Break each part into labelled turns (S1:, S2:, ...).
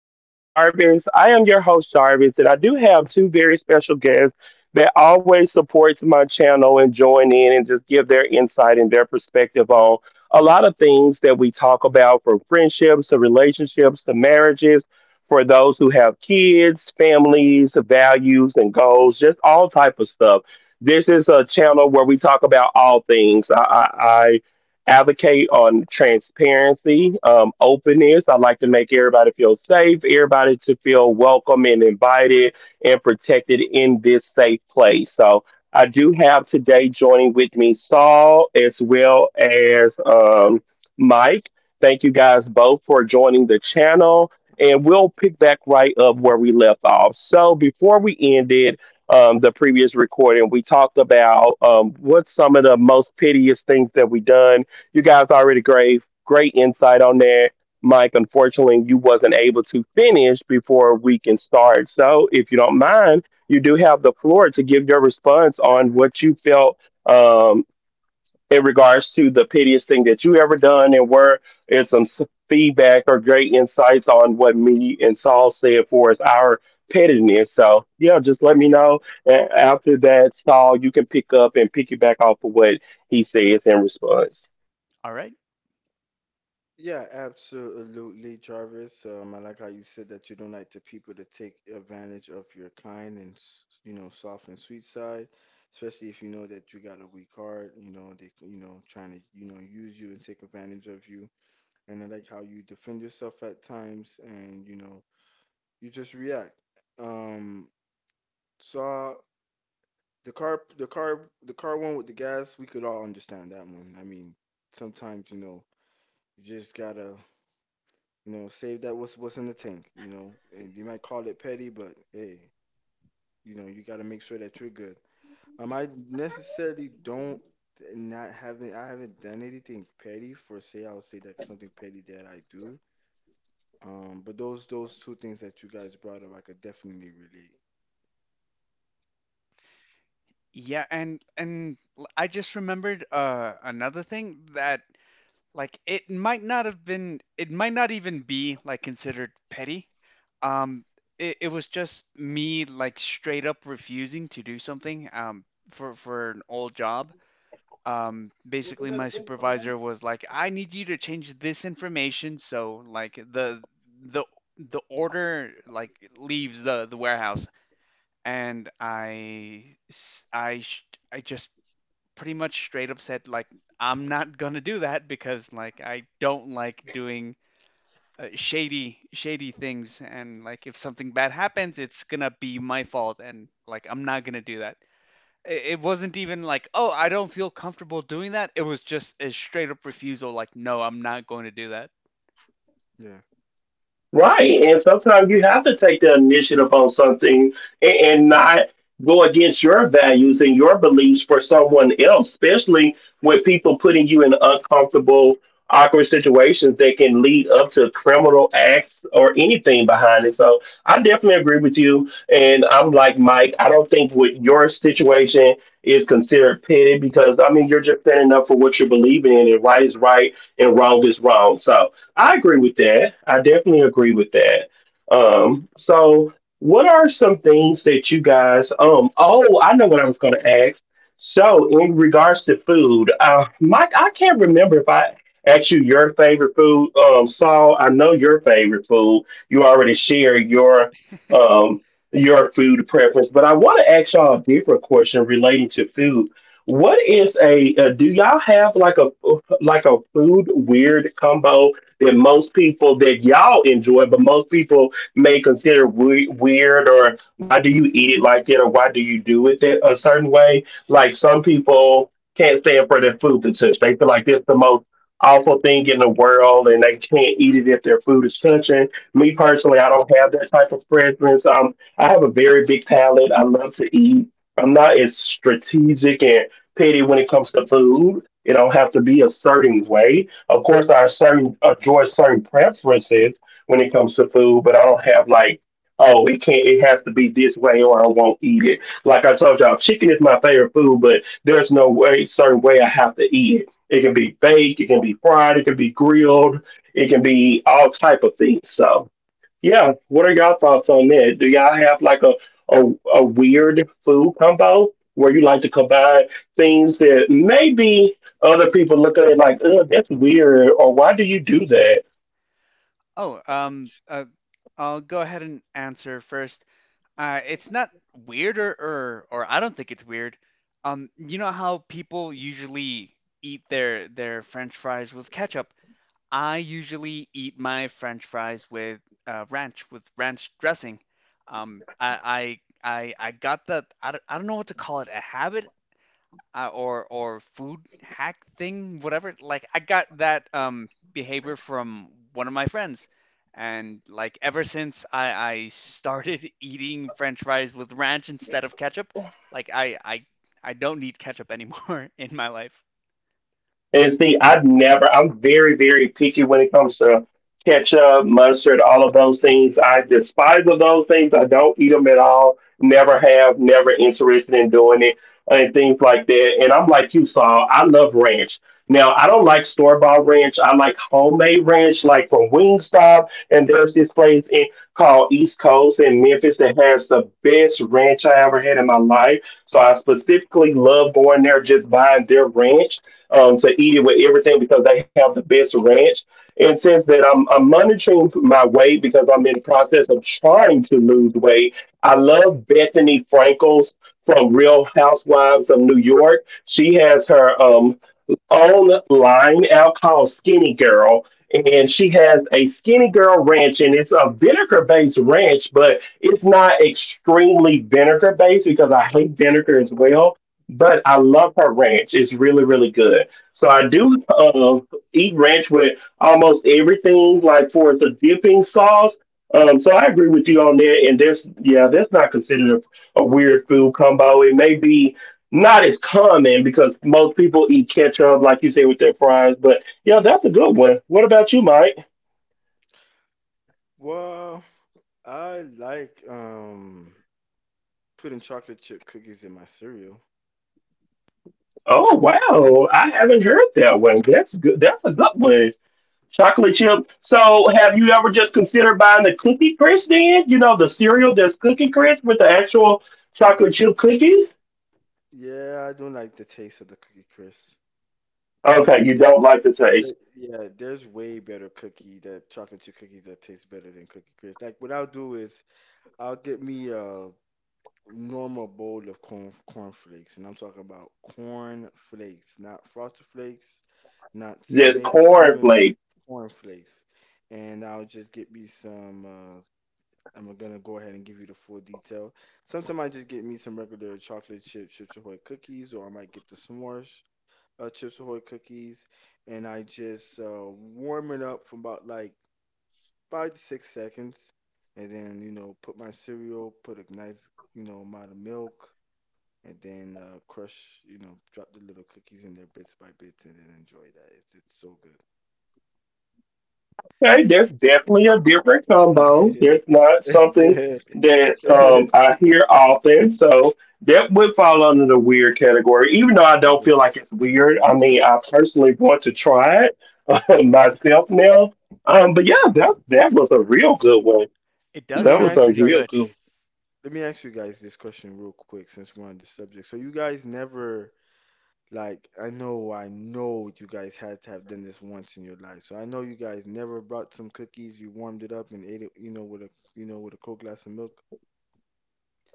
S1: Place with Jarvis. I am your host, Jarvis, and I do have two very special guests that always supports my channel and join in and just give their insight and their perspective on a lot of things that we talk about, from friendships to relationships to marriages, for those who have kids, families, values and goals, just all type of stuff. This is a channel where we talk about all things. I advocate on transparency, openness. I like to make everybody feel safe, everybody to feel welcome and invited and protected in this safe place. So I do have today joining with me Saul as well as Mike. Thank you guys both for joining the channel. And we'll pick back right up where we left off. So before we ended, the previous recording, we talked about what's some of the most piteous things that we done. You guys already gave great insight on there. Mike, unfortunately, you wasn't able to finish before we can start. So, if you don't mind, you do have the floor to give your response on what you felt, in regards to the piteous thing that you ever done, and where is some feedback or great insights on what me and Saul said for us, our pettiness. So, yeah, just let me know. And after that, Saul, you can pick up and piggyback off of what he says in response.
S2: All right.
S3: Yeah, absolutely, Jarvis. I like how you said that you don't like the people to take advantage of your kind and soft and sweet side, especially if you know that you got a weak heart. You know they trying to use you and take advantage of you. And I like how you defend yourself at times, and you just react. Um, saw the car one with the gas. We could all understand that one. I mean, sometimes you just gotta save that what's in the tank, And you might call it petty, but hey, you know, you gotta make sure that you're good. I necessarily don't not having I haven't done anything petty for say. I'll say that something petty that I do. But those two things that you guys brought up, I could definitely relate.
S2: Yeah, and I just remembered another thing that like it might not have been, it might not even be like considered petty. Um it, it was just me like straight up refusing to do something for an old job. Basically, my supervisor was like, I need you to change this information so like the the order like leaves the warehouse, and I s- I sh- I just pretty much straight up said like, I'm not gonna do that because like I don't like doing shady things, and like if something bad happens it's gonna be my fault, and like I'm not gonna do that. It wasn't even like, oh, I don't feel comfortable doing that. It was just a straight up refusal, like, no, I'm not going to do that.
S3: Yeah.
S1: Right. And sometimes you have to take the initiative on something and, not go against your values and your beliefs for someone else, especially when people putting you in uncomfortable, awkward situations that can lead up to criminal acts or anything behind it. So I definitely agree with you. And I'm like, Mike, I don't think what your situation is considered petty, because, I mean, you're just standing up for what you are believing in, and right is right and wrong is wrong. So, I agree with that. I definitely agree with that. So what are some things that you guys um oh, I know what I was gonna ask. So in regards to food, Mike, I can't remember if I asked you your favorite food. Saul, I know your favorite food. You already shared um your food preference, but I want to ask y'all a different question relating to food. What is a do y'all have like a food weird combo that most people, that y'all enjoy, but most people may consider weird, or why do you eat it like that, or why do you do it that a certain way? Like, some people can't stand for their food to touch. They feel like it's the most awful thing in the world, and they can't eat it if their food is touching. Me personally, I don't have that type of preference. I have a very big palate. I love to eat. I'm not as strategic and petty when it comes to food. It don't have to be a certain way. Of course, I certain enjoy certain preferences when it comes to food, but I don't have like, oh, it can't. It has to be this way, or I won't eat it. Like I told y'all, chicken is my favorite food, but there's no way certain way I have to eat it. It can be baked, it can be fried, it can be grilled, it can be all type of things. So. Yeah, what are y'all thoughts on that? Do y'all have like a weird food combo where you like to combine things that maybe other people look at it like, ugh, that's weird, or why do you do that?
S2: Oh um uh, I'll go ahead and answer first. It's not weird, or I don't think it's weird. You know how people usually eat their French fries with ketchup? I usually eat my French fries with ranch dressing. I got that, I don't know what to call it, a habit? Or food hack thing, whatever. Like I got that behavior from one of my friends, and like ever since I started eating French fries with ranch instead of ketchup, like I don't need ketchup anymore in my life.
S1: And see, I've never, I'm very, very picky when it comes to ketchup, mustard, all of those things. I despise of those things. I don't eat them at all. Never have, never interested in doing it and things like that. And I'm like you, Saul, I love ranch. Now, I don't like store-bought ranch. I like homemade ranch, like from Wingstop. And there's this place in, called East Coast in Memphis that has the best ranch I ever had in my life. So I specifically love going there, just buying their ranch, to eat it with everything because they have the best ranch. And since that I'm monitoring my weight because I'm in the process of trying to lose weight, I love Bethany Frankel's from Real Housewives of New York. She has her online out called Skinny Girl, and she has a Skinny Girl ranch, and it's a vinegar based ranch, but it's not extremely vinegar based because I hate vinegar as well. But I love her ranch; it's really, really good. So I do eat ranch with almost everything, like for the dipping sauce. So I agree with you on that. And that's, yeah, that's not considered a weird food combo. It may be not as common because most people eat ketchup, like you say, with their fries. But yeah, that's a good one. What about you, Mike?
S3: Well, I like putting chocolate chip cookies in my cereal.
S1: Oh
S2: Oh,
S1: wow, I haven't heard that one. That's good. That's a good one. Chocolate chip. So, have you ever just considered buying the Cookie Crisp? Then you know the cereal that's Cookie Crisp with the actual chocolate chip cookies.
S3: Yeah, I don't like the taste of the cookie crisp. There's
S1: Okay, you
S3: there's
S1: don't like the taste.
S3: there's way better cookie that chocolate chip cookies that taste better than Cookie Crisp. Like what I'll do is I'll get me a normal bowl of cornflakes, and I'm talking about corn flakes, not frosted flakes, not s-
S1: There's
S3: maple cinnamon
S1: cornflakes.
S3: corn flakes. And I'll just get me some. I'm gonna go ahead and give you the full detail. Sometimes I just get me some regular chocolate chip Chips Ahoy cookies, or I might get the s'mores Chips Ahoy cookies, and I just warm it up for about like 5 to 6 seconds, and then put my cereal, put a nice amount of milk, and then crush, drop the little cookies in there bits by bits, and then enjoy that. It's so
S1: Okay, there's definitely a different combo. It's not something
S3: good.
S1: that I hear often, so that would fall under the weird category. Even though I don't
S3: Yeah.
S1: feel like it's weird, I mean, I personally want to try it myself now. But yeah, that was a real good one.
S2: it
S3: So
S2: does
S3: let
S1: That
S3: me
S1: was
S2: sound
S3: ask
S1: a
S3: you
S2: pretty
S3: guys.
S1: real
S2: good.
S1: good.
S3: Let me ask you guys this question real quick, since we're on the subject. So you guys never Like, I know you guys had to have done this once in your life. So I know you guys never brought some cookies, you warmed it up and ate it, you know, with a, you know, with a cold glass of milk.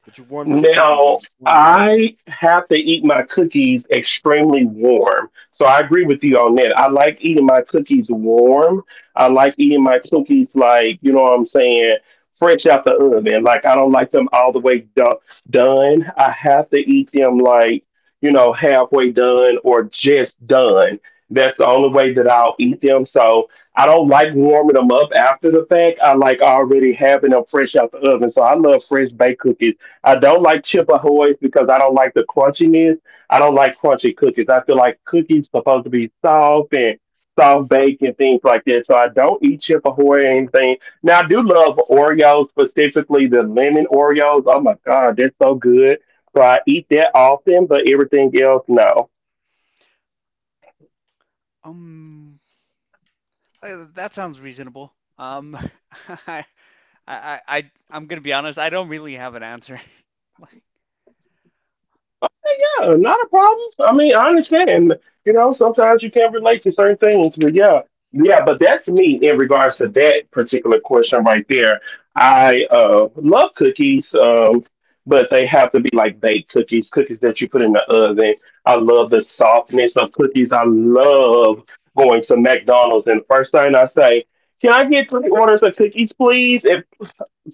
S3: But you warmed up the cookies or
S1: Now,
S3: you warmed it up.
S1: I have to eat my cookies extremely warm. So I agree with you on that. I like eating my cookies warm. I like eating my cookies like, you know what I'm saying, fresh out the oven. Like I don't like them all the way done. I have to eat them like, you know, halfway done or just done. That's the only way that I'll eat them. So I don't like warming them up after the fact. I like already having them fresh out the oven. So I love fresh baked cookies. I don't like chip ahoys because I don't like the crunchiness. I don't like crunchy cookies. I feel like cookies supposed to be soft and soft baked and things like that. So I don't eat chip ahoy or anything. Now I do love Oreos, specifically the lemon Oreos. Oh my god, they're so good. So I eat that often, but everything else, no.
S2: Um, that sounds reasonable. I, I'm gonna be honest. I don't really have an answer. Like,
S1: Yeah, not a problem. I mean, I understand. You know, sometimes you can't relate to certain things, but yeah, yeah. But that's me in regards to that particular question right there. I love cookies, but they have to be like baked cookies, cookies that you put in the oven. I love the softness of cookies. I love going to McDonald's and the first thing I say, "Can I get three orders of cookies, please?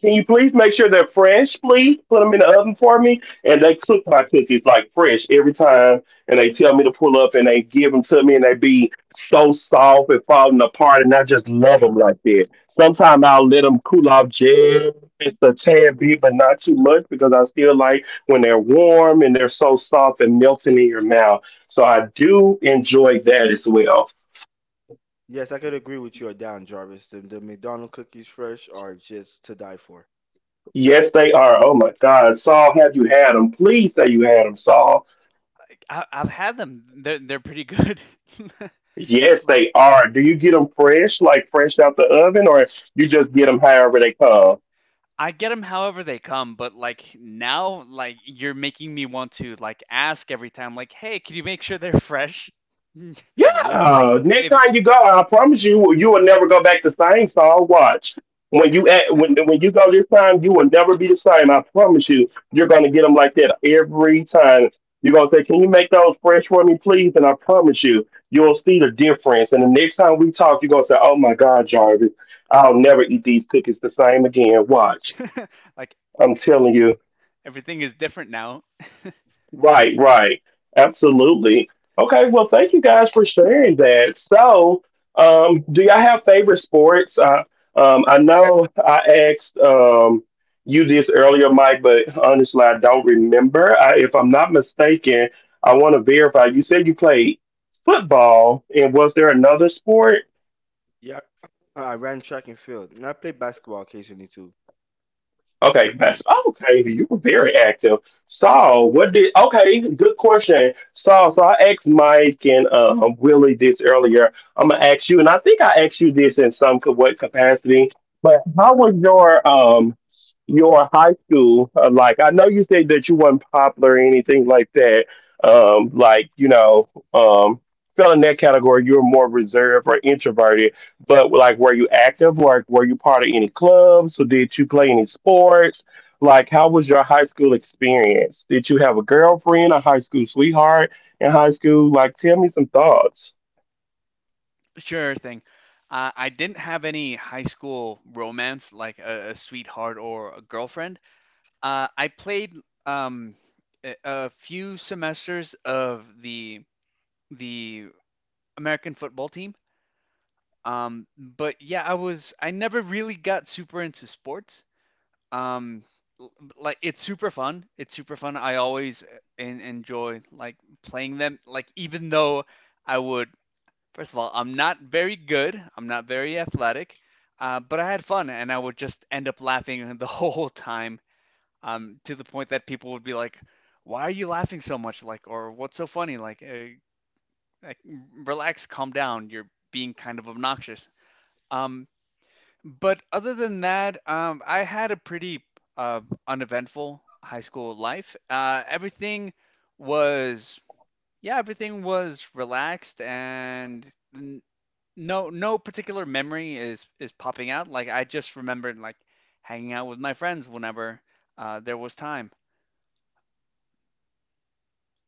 S1: Can you please make sure they're fresh, please? Put them in the oven for me." And they cook my cookies like fresh every time. And they tell me to pull up and they give them to me and they be so soft and falling apart. And I just love them like that. Sometimes I'll let them cool off just a tad bit, but not too much because I still like when they're warm and they're so soft and melting in your mouth. So I do enjoy that as well.
S3: Yes, I could agree with you or down, Jarvis. The McDonald's cookies fresh are just to die for.
S1: Yes, they are. Oh my God. Saul, have you had them? Please say you had them, Saul.
S2: I, I've had them. They're pretty good.
S1: Yes, they
S2: Like,
S1: are. Do you get them fresh, like fresh out the oven, or you just get them however they come?
S2: I get them however they come, but like now, like, you're making me want to like ask every time, like, hey, can you make sure they're fresh?
S3: Yeah.
S2: Like
S1: Yeah. Next
S2: if
S1: time you go, I promise you, you will never go back the same. So I'll watch. When you at, when you go this time, you will never be the same. I promise you. You're gonna get them like that every time. You're gonna say, "Can you make those fresh for me, please?" And I promise you, you'll see the difference. And the next time we talk, you're gonna say, "Oh my God, Jarvis, I'll never eat these cookies the same again." Watch.
S2: like
S1: I'm telling you.
S2: everything is different now.
S1: Right, right. Absolutely. Okay, well, thank you guys for sharing that. So, do y'all have favorite sports? I know I asked you this earlier, Mike, but honestly, I don't remember. I, if I'm not mistaken, I want to verify. You said you played football, and was there another sport?
S3: Yeah. I ran track and field. And I played basketball occasionally too.
S1: Okay, Pastor. Okay, you were very active. Saul, what did? Okay, good question, Saul. So I asked Mike and Willie this earlier. I'm gonna ask you, and I think I asked you this in what capacity. But how was your high school like? I know you said that you weren't popular or anything like that. Um, like you know, um, fell in that category. You were more reserved or introverted, but were you active? Like, were you part of any clubs? Or did you play any sports? Like, how was your high school experience? Did you have a girlfriend, a high school sweetheart in high school? Like, tell me some thoughts.
S2: Sure thing. I didn't have any high school romance, like a sweetheart or a girlfriend. I played um a few semesters of the American football team. But yeah, I was, I never really got super into sports. um like, it's super fun, I always enjoy like playing them, like even though I would, first of all, I'm not very good, I'm not very athletic. But I had fun, and I would just end up laughing the whole time, to the point that people would be like, why are you laughing so much, like, or what's so funny, like, like relax, calm down, you're being kind of obnoxious. um but other than that, I had a pretty uh, uneventful high school life. Everything was, yeah, everything was relaxed, and no particular memory is popping out. Like, I just remembered like hanging out with my friends whenever there was time.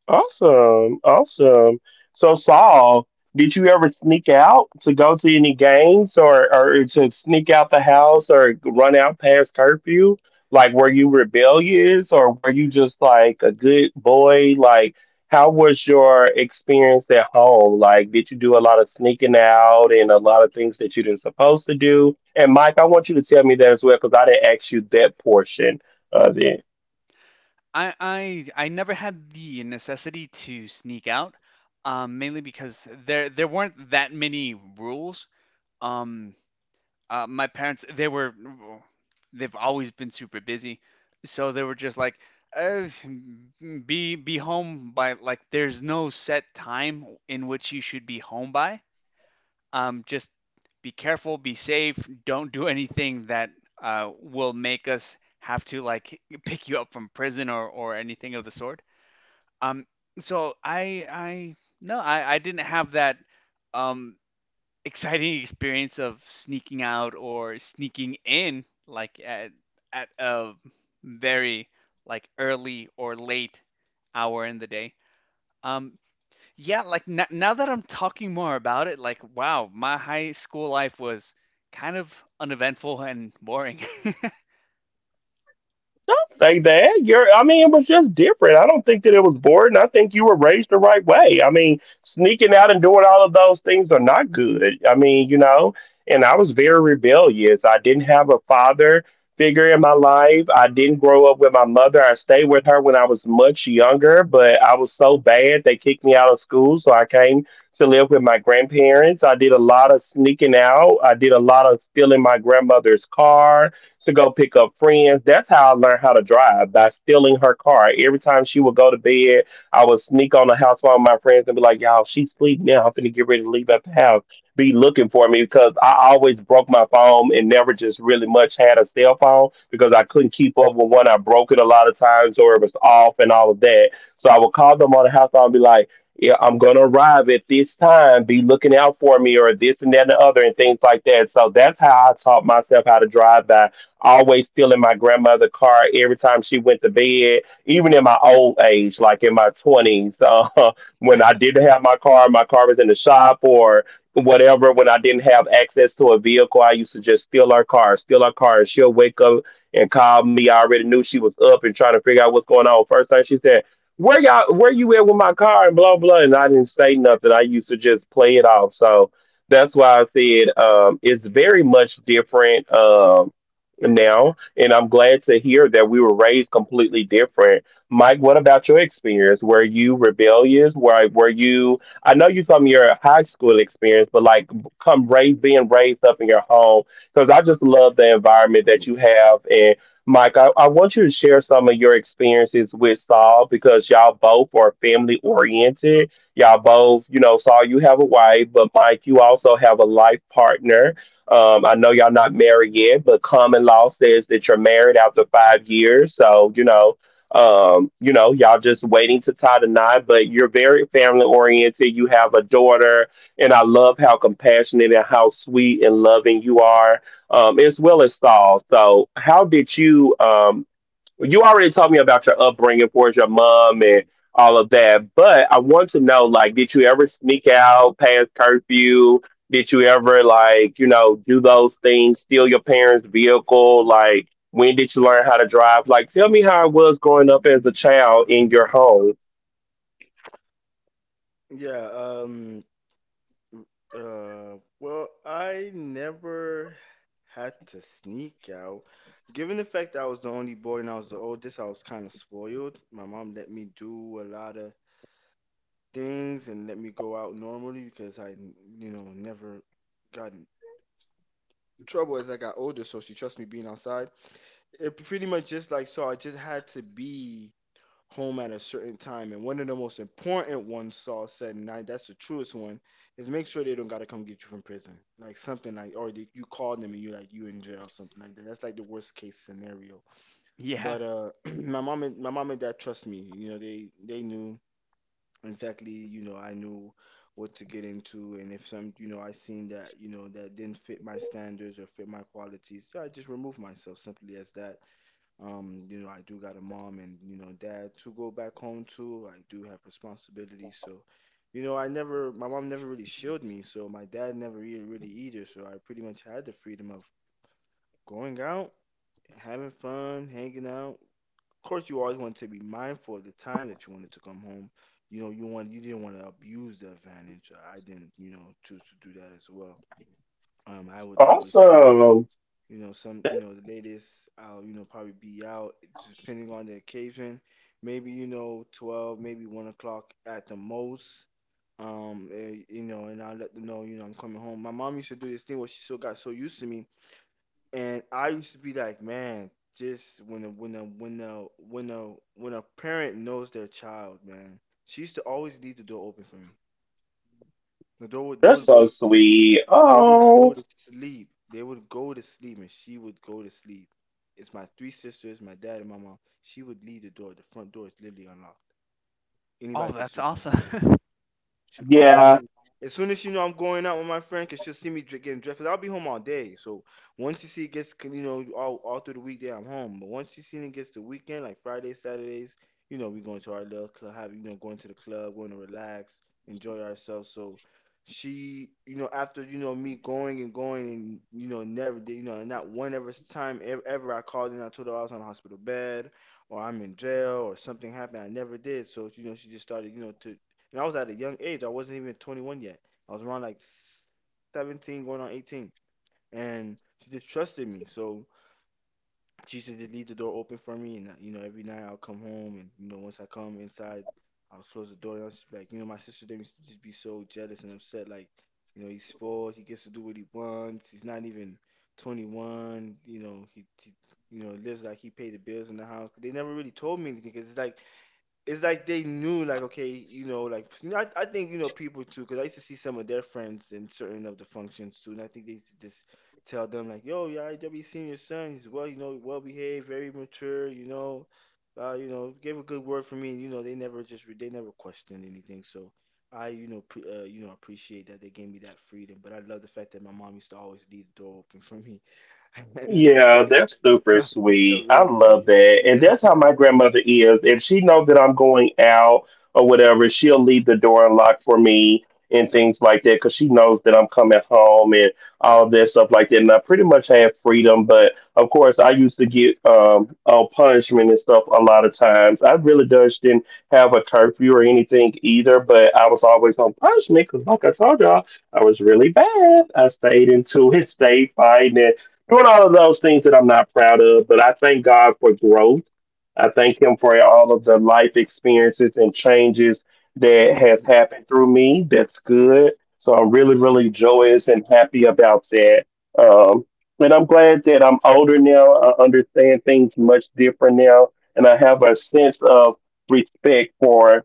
S1: Awesome. Awesome. So, Saul, did you ever sneak out to go to any games, or to sneak out the house or run out past curfew? Like, were you rebellious or were you just like a good boy? Like, how was your experience at home? Like, did you do a lot of sneaking out and a lot of things that you didn't supposed to do? And Mike, I want you to tell me that as well because I didn't ask you that portion of it.
S2: I never had the necessity to sneak out, mainly because there weren't that many rules. Um, my parents, they were, they've always been super busy, so they were just like, uh, be home by like. There's no set time in which you should be home by. Just be careful, be safe. Don't do anything that will make us have to like pick you up from prison or anything of the sort. Um, so I No, I didn't have that um exciting experience of sneaking out or sneaking in like at a very like early or late hour in the day. Um yeah, like now that I'm talking more about it, like, wow, my high school life was kind of uneventful and boring.
S1: Say that. You're, I mean, it was just different. I don't think that it was boring. I think you were raised the right way. I mean, sneaking out and doing all of those things are not good. I mean, you know, and I was very rebellious. I didn't have a father figure in my life. I didn't grow up with my mother. I stayed with her when I was much younger, but I was so bad they kicked me out of school. So I came to live with my grandparents. I did a lot of sneaking out. I did a lot of stealing my grandmother's car to go pick up friends. That's how I learned how to drive, by stealing her car. Every time she would go to bed, I would sneak on the house with my friends and be like, "Y'all, she's asleep now. I'm finna get ready to leave out the house." Be looking for me because I always broke my phone and never just really much had a cell phone because I couldn't keep up with one. I broke it a lot of times or it was off and all of that. So I would call them on the house phone and be like, yeah, I'm gonna arrive at this time. Be looking out for me, or this and that and the other, and things like that. So that's how I taught myself how to drive, by always stealing my grandmother's car every time she went to bed, even in my old age, like in my 20s, when I didn't have my car was in the shop or whatever, when I didn't have access to a vehicle, I used to just steal her car, and she'll wake up and call me. I already knew she was up and trying to figure out what's going on. First thing she said, where y'all, where you at with my car and blah, blah. And I didn't say nothing. I used to just play it off. So that's why I said, it's very much different. Now, and I'm glad to hear that we were raised completely different. Mike, what about your experience? Were you rebellious? Were you? I know you told me your high school experience, but like come raised, being raised up in your home, because I just love the environment that you have. And Mike, I want you to share some of your experiences with Saul because y'all both are family oriented. Y'all both, you know, Saul, you have a wife, but Mike, you also have a life partner. I know y'all not married yet, but common law says that you're married after 5 years. So, you know, y'all just waiting to tie the knot, but you're very family oriented. You have a daughter, and I love how compassionate and how sweet and loving you are, as well as Saul. So, how did you? You already told me about your upbringing towards your mom and all of that, but I want to know like, did you ever sneak out past curfew? Did you ever like, you know, do those things, steal your parents' vehicle? Like, when did you learn how to drive? Like, tell me how it was growing up as a child in your home.
S3: Yeah, well, I never had to sneak out. Given the fact that I was the only boy and I was the oldest, I was kind of spoiled. My mom let me do a lot of things and let me go out normally because I never got in trouble as I got older. So she trusts me being outside. It pretty much just like so. I just had to be home at a certain time. And one of the most important ones Saul said, that's the truest one, is make sure they don't gotta come get you from prison. Like something like, or they, you call them and you like you in jail, something like that. That's like the worst case scenario.
S2: Yeah.
S3: But my mom and dad trust me. You know, they knew exactly. You know, I knew what to get into, and if some, you know, I seen that, you know, that didn't fit my standards or fit my qualities, yeah, I just remove myself, simply as that. You know, I do got a mom and, you know, dad to go back home to. I do have responsibilities. So, you know, I never, my mom never really shielded me. So my dad never really, really either. So I pretty much had the freedom of going out, having fun, hanging out. Of course, you always want to be mindful of the time that you wanted to come home. You know, you want, you didn't want to abuse the advantage. I didn't, you know, choose to do that as well. I would always,
S1: Awesome.
S3: you know, some, you
S1: That-
S3: know, the latest, I'll, you know, probably be out, just depending on the occasion. Maybe, you know, 12, maybe 1 o'clock at the most. You know, and I'll let them know, you know, I'm coming home. My mom used to do this thing where she still got so used to me. And I used to be like, man, just when a, when a parent knows their child, man, she used to always leave the door open for me. They
S1: That's
S3: would go
S1: so
S3: to sleep.
S1: sweet. Oh,
S3: They would go to sleep, and she would go to sleep. It's my three sisters, my dad, and my mom. She would leave the door. The front door is literally unlocked.
S2: Oh,
S3: Anybody could just
S2: that's
S3: open the front door.
S2: awesome.
S3: Should
S1: yeah.
S3: always. As soon as you know I'm going out with my friend, cause she'll see me getting dressed. Cause I'll be home all day. So once you see it gets, you know, all through the weekday I'm home. But once you see it gets the weekend, like Fridays, Saturdays, you know, we going to our little club, have you know, going to the club, going to relax, enjoy ourselves. So she, you know, after you know me going and going and you know never did, you know, not one ever time ever, ever I called and I told her I was on a hospital bed or I'm in jail or something happened. I never did. So you know, she just started, you know, to and I was at a young age. I wasn't even 21 yet. I was around like 17, going on 18. And she just trusted me. So she used to just leave the door open for me. And, you know, every night I'll come home. And, you know, once I come inside, I'll close the door. And I'll just be like, you know, my sister, they used to just be so jealous and upset. Like, you know, he's spoiled. He gets to do what he wants. He's not even 21. You know, he you know, lives like he paid the bills in the house. They never really told me anything because it's like they knew like okay you know like you know, I think you know people too because I used to see some of their friends in certain of the functions too and I think they used to just tell them like yo yeah I w seen your son he's well you know well behaved very mature you know gave a good word for me, and you know they never just they never questioned anything. So I you know you know appreciate that they gave me that freedom, but I love the fact that my mom used to always leave the door open for me at night
S1: Yeah, that's
S3: so
S1: super
S3: I could
S1: sweet.
S3: come
S1: I
S3: in.
S1: love that. And
S3: Yeah.
S1: that's how my grandmother is. If she knows that I'm going out or whatever, she'll leave the door unlocked for me and things like that because she knows that I'm coming home and all that stuff like that. And I pretty much have freedom, but of course, I used to get on punishment and stuff a lot of times. I really just didn't have a curfew or anything either, but I was always on punishment because, like I told y'all, I was really bad. I stayed into it, stayed fighting, doing all of those things that I'm not proud of. But I thank God for growth. I thank Him for all of the life experiences and changes that has happened through me. That's good. So I'm really, really joyous and happy about that. Um, and I'm glad that I'm older now. I understand things much different now, and I have a sense of respect for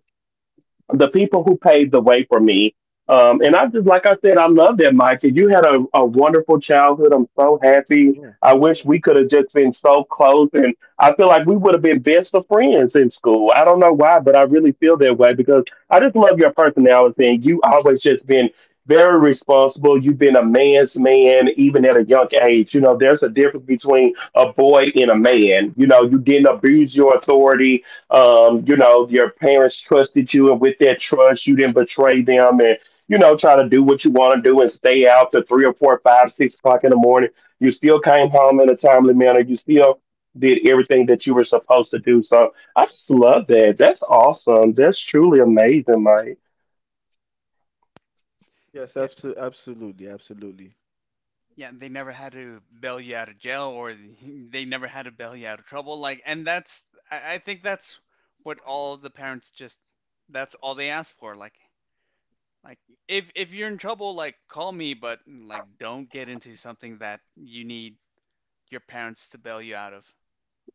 S1: the people who paved the way for me. And I just, like I said, I love that, Micah. You had a wonderful childhood. I'm so happy.
S3: Yeah.
S1: I wish we could have just been so close. And I feel like we would have been best of friends in school. I don't know why, but I really feel that way because I just love your personality. And you always just been very responsible. You've been a man's man, even at a young age. You know, there's a difference between a boy and a man. You know, you didn't abuse your authority. You know, your parents trusted you, and with that trust, you didn't betray them, and you know, try to do what you want to do and stay out to three or four, five, 6 o'clock in the morning. You still came home in a timely manner. You still did everything that you were supposed to do. So I just love that. That's awesome. That's truly amazing, Mike.
S3: Yes,
S2: Yeah.
S3: absolutely, absolutely, absolutely,
S2: Yeah, they never had to bail you out of jail, or they never had to bail you out of trouble. Like, and that's, I think that's what all the parents just, that's all they ask for. Like, if you're in trouble, like, call me, but like, don't get into something that you need your parents to bail you out of.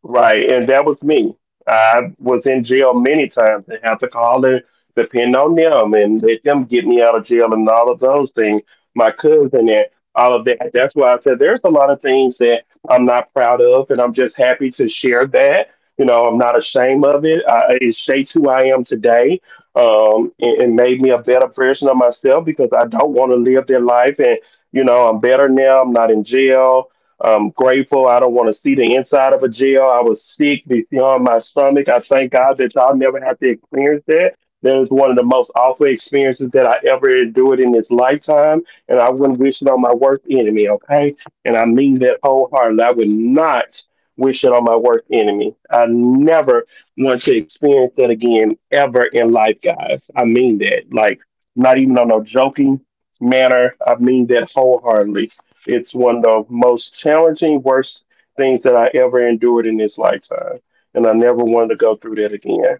S1: Right, and that was me. I was in jail many times and had to call and depend on them and let them get me out of jail and all of those things. My cousin and all of that. That's why I said there's a lot of things that I'm not proud of, and I'm just happy to share that. You know, I'm not ashamed of it. I, it shapes who I am today. And made me a better version of myself because I don't want to live that life. And you know, I'm better now. I'm not in jail. I'm grateful. I don't want to see the inside of a jail. I was sick beyond my stomach. I thank God that y'all never have to experience that. That is one of the most awful experiences that I ever endured in this lifetime, and I wouldn't wish it on my worst enemy, okay? And I mean that wholeheartedly. I would not wish it on my worst enemy. I never want to experience that again ever in life, guys. I mean that. Like, not even on a joking manner. I mean that wholeheartedly. It's one of the most challenging, worst things that I ever endured in this lifetime. And I never wanted to go through that again.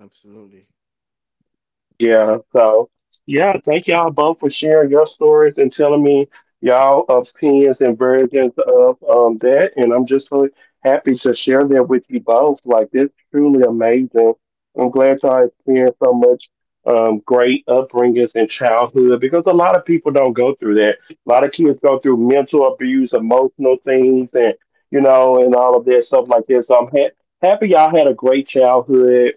S3: absolutely.
S2: Yeah.
S1: Yeah, so yeah, thank y'all both for sharing your stories and telling me y'all opinions and versions of that. And I'm just so happy to share that with you both. Like this truly amazing. I'm glad y'all experienced so much great upbringings in childhood because a lot of people don't go through that. A lot of kids go through mental abuse, emotional things and you know, and all of that stuff like that. So happy y'all had a great childhood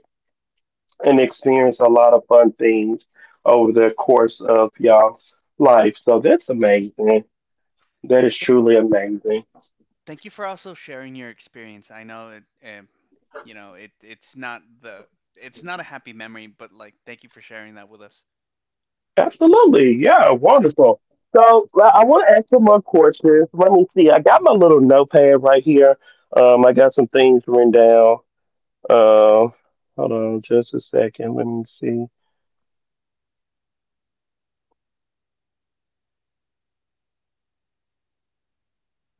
S1: and experience a lot of fun things over the course of y'all's life. So that's amazing. That is
S2: Th-
S1: truly amazing.
S2: Thank you for also sharing your experience. I know it, you know, it's not the, it's not a happy memory, but like, thank you for sharing that with us.
S1: Absolutely. Yeah, wonderful. So I want to ask some more questions. Let me see. I got my little notepad right here. I got some things written down. Um, hold on just a second. Let me see.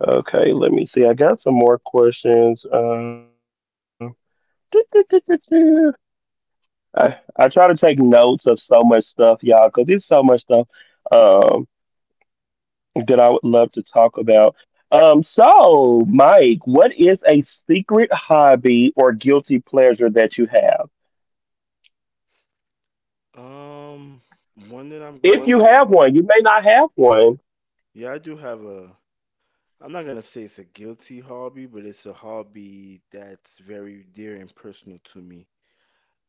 S1: Okay, let me see. I got some more questions. I try to take notes of so much stuff, y'all, because there's so much stuff um, that I would love to talk about. So, Mike, what is a secret hobby or guilty pleasure that you have?
S3: Um, One that I'm gonna
S1: If you Well, have
S3: say,
S1: one, you may not have one,
S3: yeah, I do have a. I'm not gonna say it's a guilty hobby, but it's a hobby that's very dear and personal to me,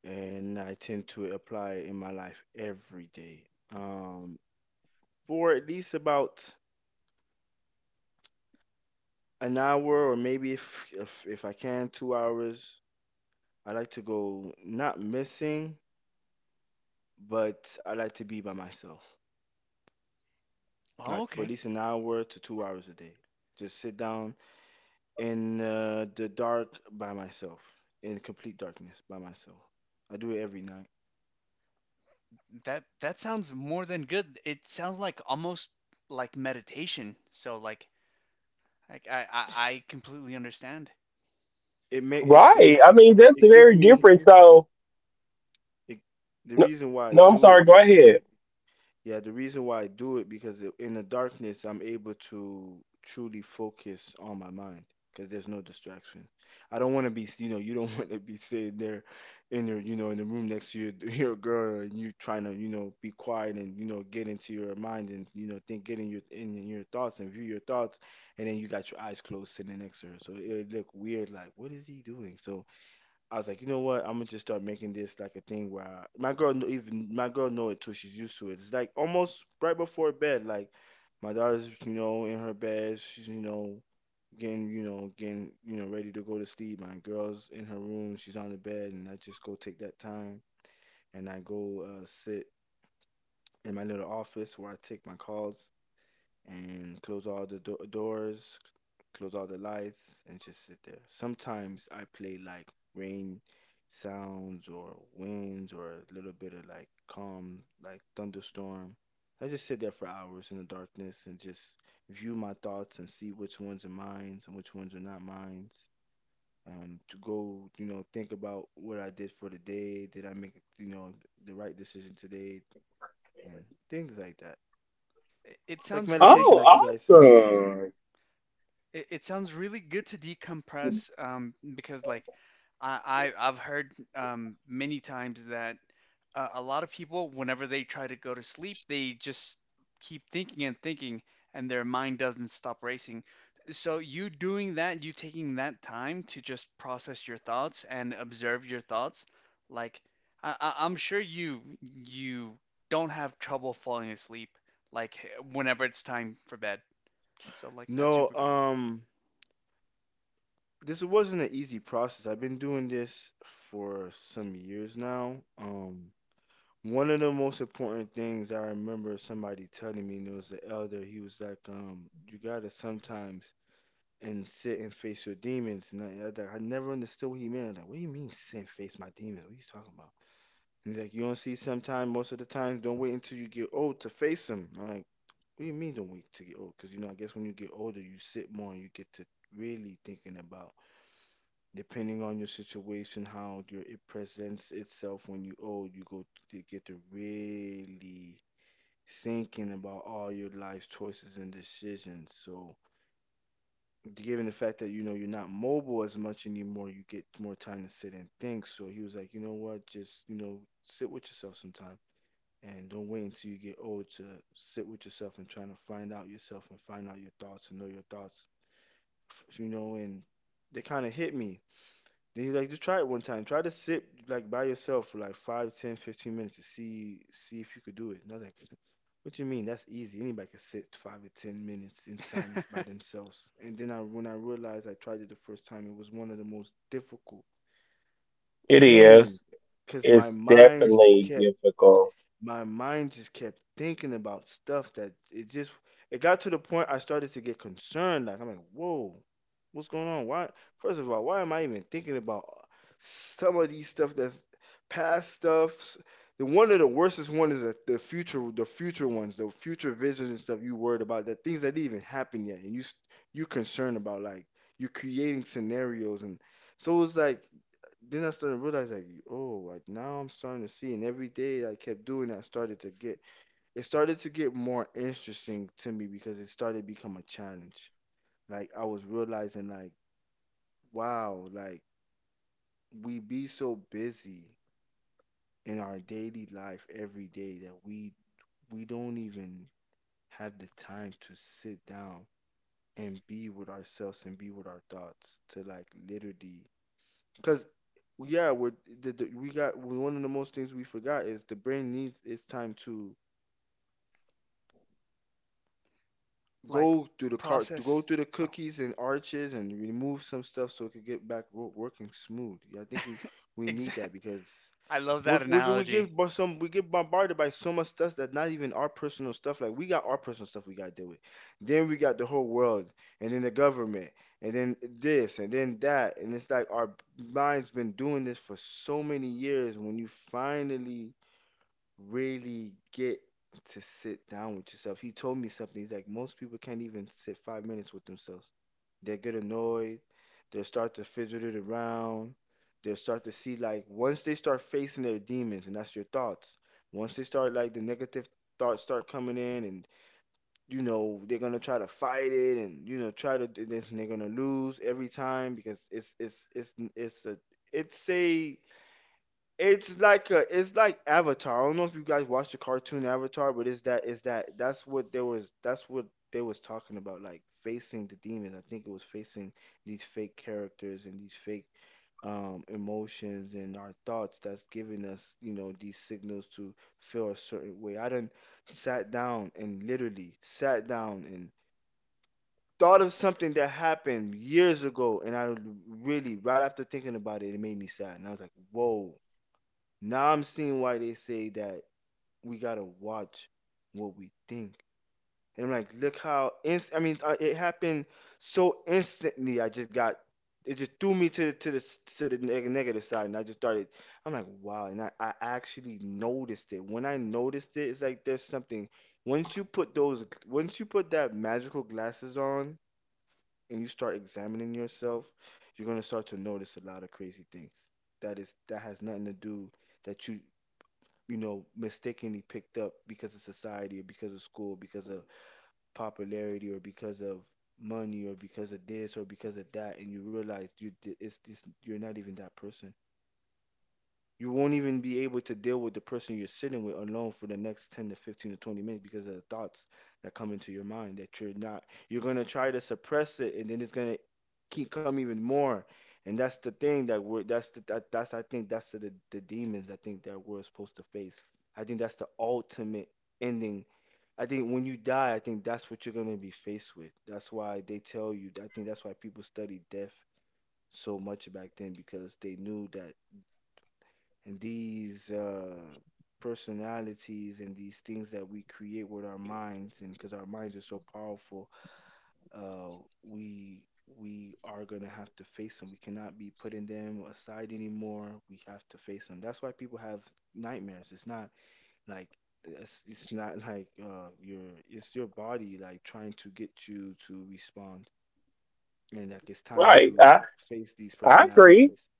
S3: and I tend to apply it in my life every day. Um, for at least about an hour, or maybe if I can, 2 hours. I like to go not missing, but I like to be by myself.
S2: Oh,
S3: Like for at
S2: okay.
S3: least an hour to 2 hours a day. Just sit down in the dark by myself, in complete darkness by myself. I do it every night.
S2: That that sounds more than good. It sounds like almost like meditation. So like I completely understand.
S3: It may it's
S1: right?
S3: it
S1: I
S3: it,
S1: mean, that's
S3: it gives
S1: very
S3: me
S1: different. So,
S3: it, The
S1: no,
S3: reason why I
S1: no I'm
S3: do it.
S1: sorry. Go ahead.
S3: Yeah, the reason why I do it because in the darkness I'm able to truly focus on my mind because there's no distraction. I don't want to be, you know, you don't want to be sitting there in your, you know, in the room next to your your girl, and you trying to, you know, be quiet and you know get into your mind and you know think get in your thoughts and view your thoughts, and then you got your eyes closed sitting next to her, so it look weird like what is he doing? So I was like, you know what? I'm gonna just start making this like a thing where my girl even my girl know it too. She's used to it. It's like almost right before bed. Like my daughter's you know in her bed. She's you know getting you know ready to go to sleep. My girl's in her room. She's on the bed, and I just go take that time and I go sit in my little office where I take my calls and close all the doors, close all the lights, and just sit there. Sometimes I play like rain sounds or winds or a little bit of like calm, like thunderstorm. I just sit there for hours in the darkness and just view my thoughts and see which ones are mine and which ones are not mine. To go, you know, think about what I did for the day. Did I make, you know, the right decision today? And things like that.
S2: It
S3: It's like
S2: sounds really,
S3: meditation,
S1: Oh,
S3: like you guys said.
S1: awesome!
S2: it sounds really good to decompress, because, like, I, I've heard many times that a lot of people, whenever they try to go to sleep, they just keep thinking and thinking, and their mind doesn't stop racing. So you doing that, you taking that time to just process your thoughts and observe your thoughts, like, I'm sure you you don't have trouble falling asleep, like whenever it's time for bed. So like, that's
S3: No,
S2: super good.
S3: this wasn't an easy process. I've been doing this for some years now. One of the most important things I remember somebody telling me, and it was the elder, he was like, you gotta sometimes and sit and face your demons. And like, I never understood what he meant. Like, what do you mean sit and face my demons? What are you talking about? And he's like, you don't see sometimes, most of the time, don't wait until you get old to face them. I'm like, what do you mean don't wait to get old? Because, you know, I guess when you get older, you sit more and you get to really thinking about depending on your situation, how your, it presents itself when you old, you go to get to really thinking about all your life choices and decisions. So, given the fact that you know you're not mobile as much anymore, you get more time to sit and think. So he was like, you know what, just you know, sit with yourself sometime. And don't wait until you get old to sit with yourself and trying to find out yourself and find out your thoughts and know your thoughts, you know. And they kind of hit me. Then he's like, just try it one time. Try to sit like by yourself for like 5, 10, 15 minutes to see if you could do it. And I was like, what you mean? That's easy. Anybody can sit 5 or 10 minutes in silence by themselves. And then I when I realized I tried it the first time, it was one of the most difficult
S1: It is.
S3: things because my
S1: It's
S3: mind just
S1: definitely
S3: kept
S1: difficult,
S3: my mind just kept thinking about stuff that it got to the point I started to get concerned. Like I'm like, whoa, what's going on? Why? First of all, why am I even thinking about some of these stuff that's past stuffs? The one of the worstest one is the future, the future ones, the future visions and stuff you worried about, that things that didn't even happen yet, and you concerned about like you're creating scenarios, and so it was like then I started to realize like, oh, like now I'm starting to see, and every day I kept doing, it, I started to get, it started to get more interesting to me because it started to become a challenge. Like I was realizing, like, wow, like we be so busy in our daily life every day that we don't even have the time to sit down and be with ourselves and be with our thoughts to like literally. Because yeah, we got one of the most things we forgot is the brain needs its time to
S2: Like
S3: go through the car to go
S2: process.
S3: through the
S2: Oh,
S3: cookies and arches and remove some stuff so it could get back working smooth. Yeah, I think we need
S2: exact.
S3: that because
S2: I love that
S3: we're, we
S2: analogy.
S3: give bo- some we get bombarded by so much stuff that not even our personal stuff. Like we got our personal stuff we gotta deal with. Then we got the whole world and then the government and then this and then that, and it's like our minds been doing this for so many years. When you finally really get to sit down with yourself. He told me something. He's like, most people can't even sit 5 minutes with themselves. They'll get annoyed. They'll start to fidget it around. They'll start to see, like, once they start facing their demons, and that's your thoughts, once they start, like, the negative thoughts start coming in, and, you know, they're going to try to fight it and, you know, try to do this, and they're going to lose every time because it's a, it's a, it's like Avatar. I don't know if you guys watched the cartoon Avatar, but it's that, that's what there was, that's what they was talking about, like facing the demons. I think it was facing these fake characters and these fake emotions and our thoughts that's giving us, you know, these signals to feel a certain way. I done sat down and literally sat down and thought of something that happened years ago, and I really, right after thinking about it, it made me sad, and I was like, whoa. Now I'm seeing why they say that we gotta watch what we think. And I'm like, look how it happened so instantly. I just got it just threw me to the negative side, and I just started. I'm like, wow, and I actually noticed it. When I noticed it, it's like there's something. Once you put those, once you put that magical glasses on, and you start examining yourself, you're gonna start to notice a lot of crazy things. That is that has nothing to do that you mistakenly picked up because of society or because of school, because of popularity or because of money or because of this or because of that, and you realize you it's you're not even that person. You won't even be able to deal with the person you're sitting with alone for the next 10 to 15 to 20 minutes because of the thoughts that come into your mind that you're not, you're going to try to suppress it and then it's going to keep coming even more. And that's the thing that we're, that's the, that, that's, I think that's the demons I think that we're supposed to face. I think that's the ultimate ending. I think when you die, I think that's what you're going to be faced with. That's why they tell you, I think that's why people study death so much back then because they knew that. And these personalities and these things that we create with our minds, and because our minds are so powerful, uh, we we are going to have to face them. We cannot be putting them aside anymore. We have to face them. That's why people have nightmares. It's not like it's not like, your, it's your body like trying to get you to respond, and like it's time
S1: right? I
S3: to face these
S1: I agree.
S3: personalities.